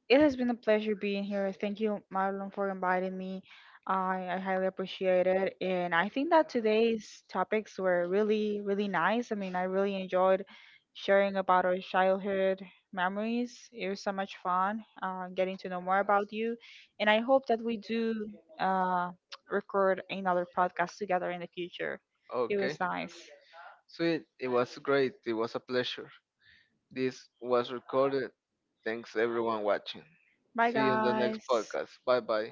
[SPEAKER 2] it has been a pleasure being here. Thank you, Marlon, for inviting me. I highly appreciate it. And I think that today's topics were really, really nice. I mean, I really enjoyed sharing about our childhood memories. It was so much fun getting to know more about you. And I hope that we do uh, record another podcast together in the future. It was
[SPEAKER 1] Okay.
[SPEAKER 2] nice.
[SPEAKER 1] Sweet. It was great. It was a pleasure. This was recorded. Thanks everyone watching.
[SPEAKER 2] Bye,
[SPEAKER 1] See you in the next
[SPEAKER 2] guys.
[SPEAKER 1] podcast. Bye bye.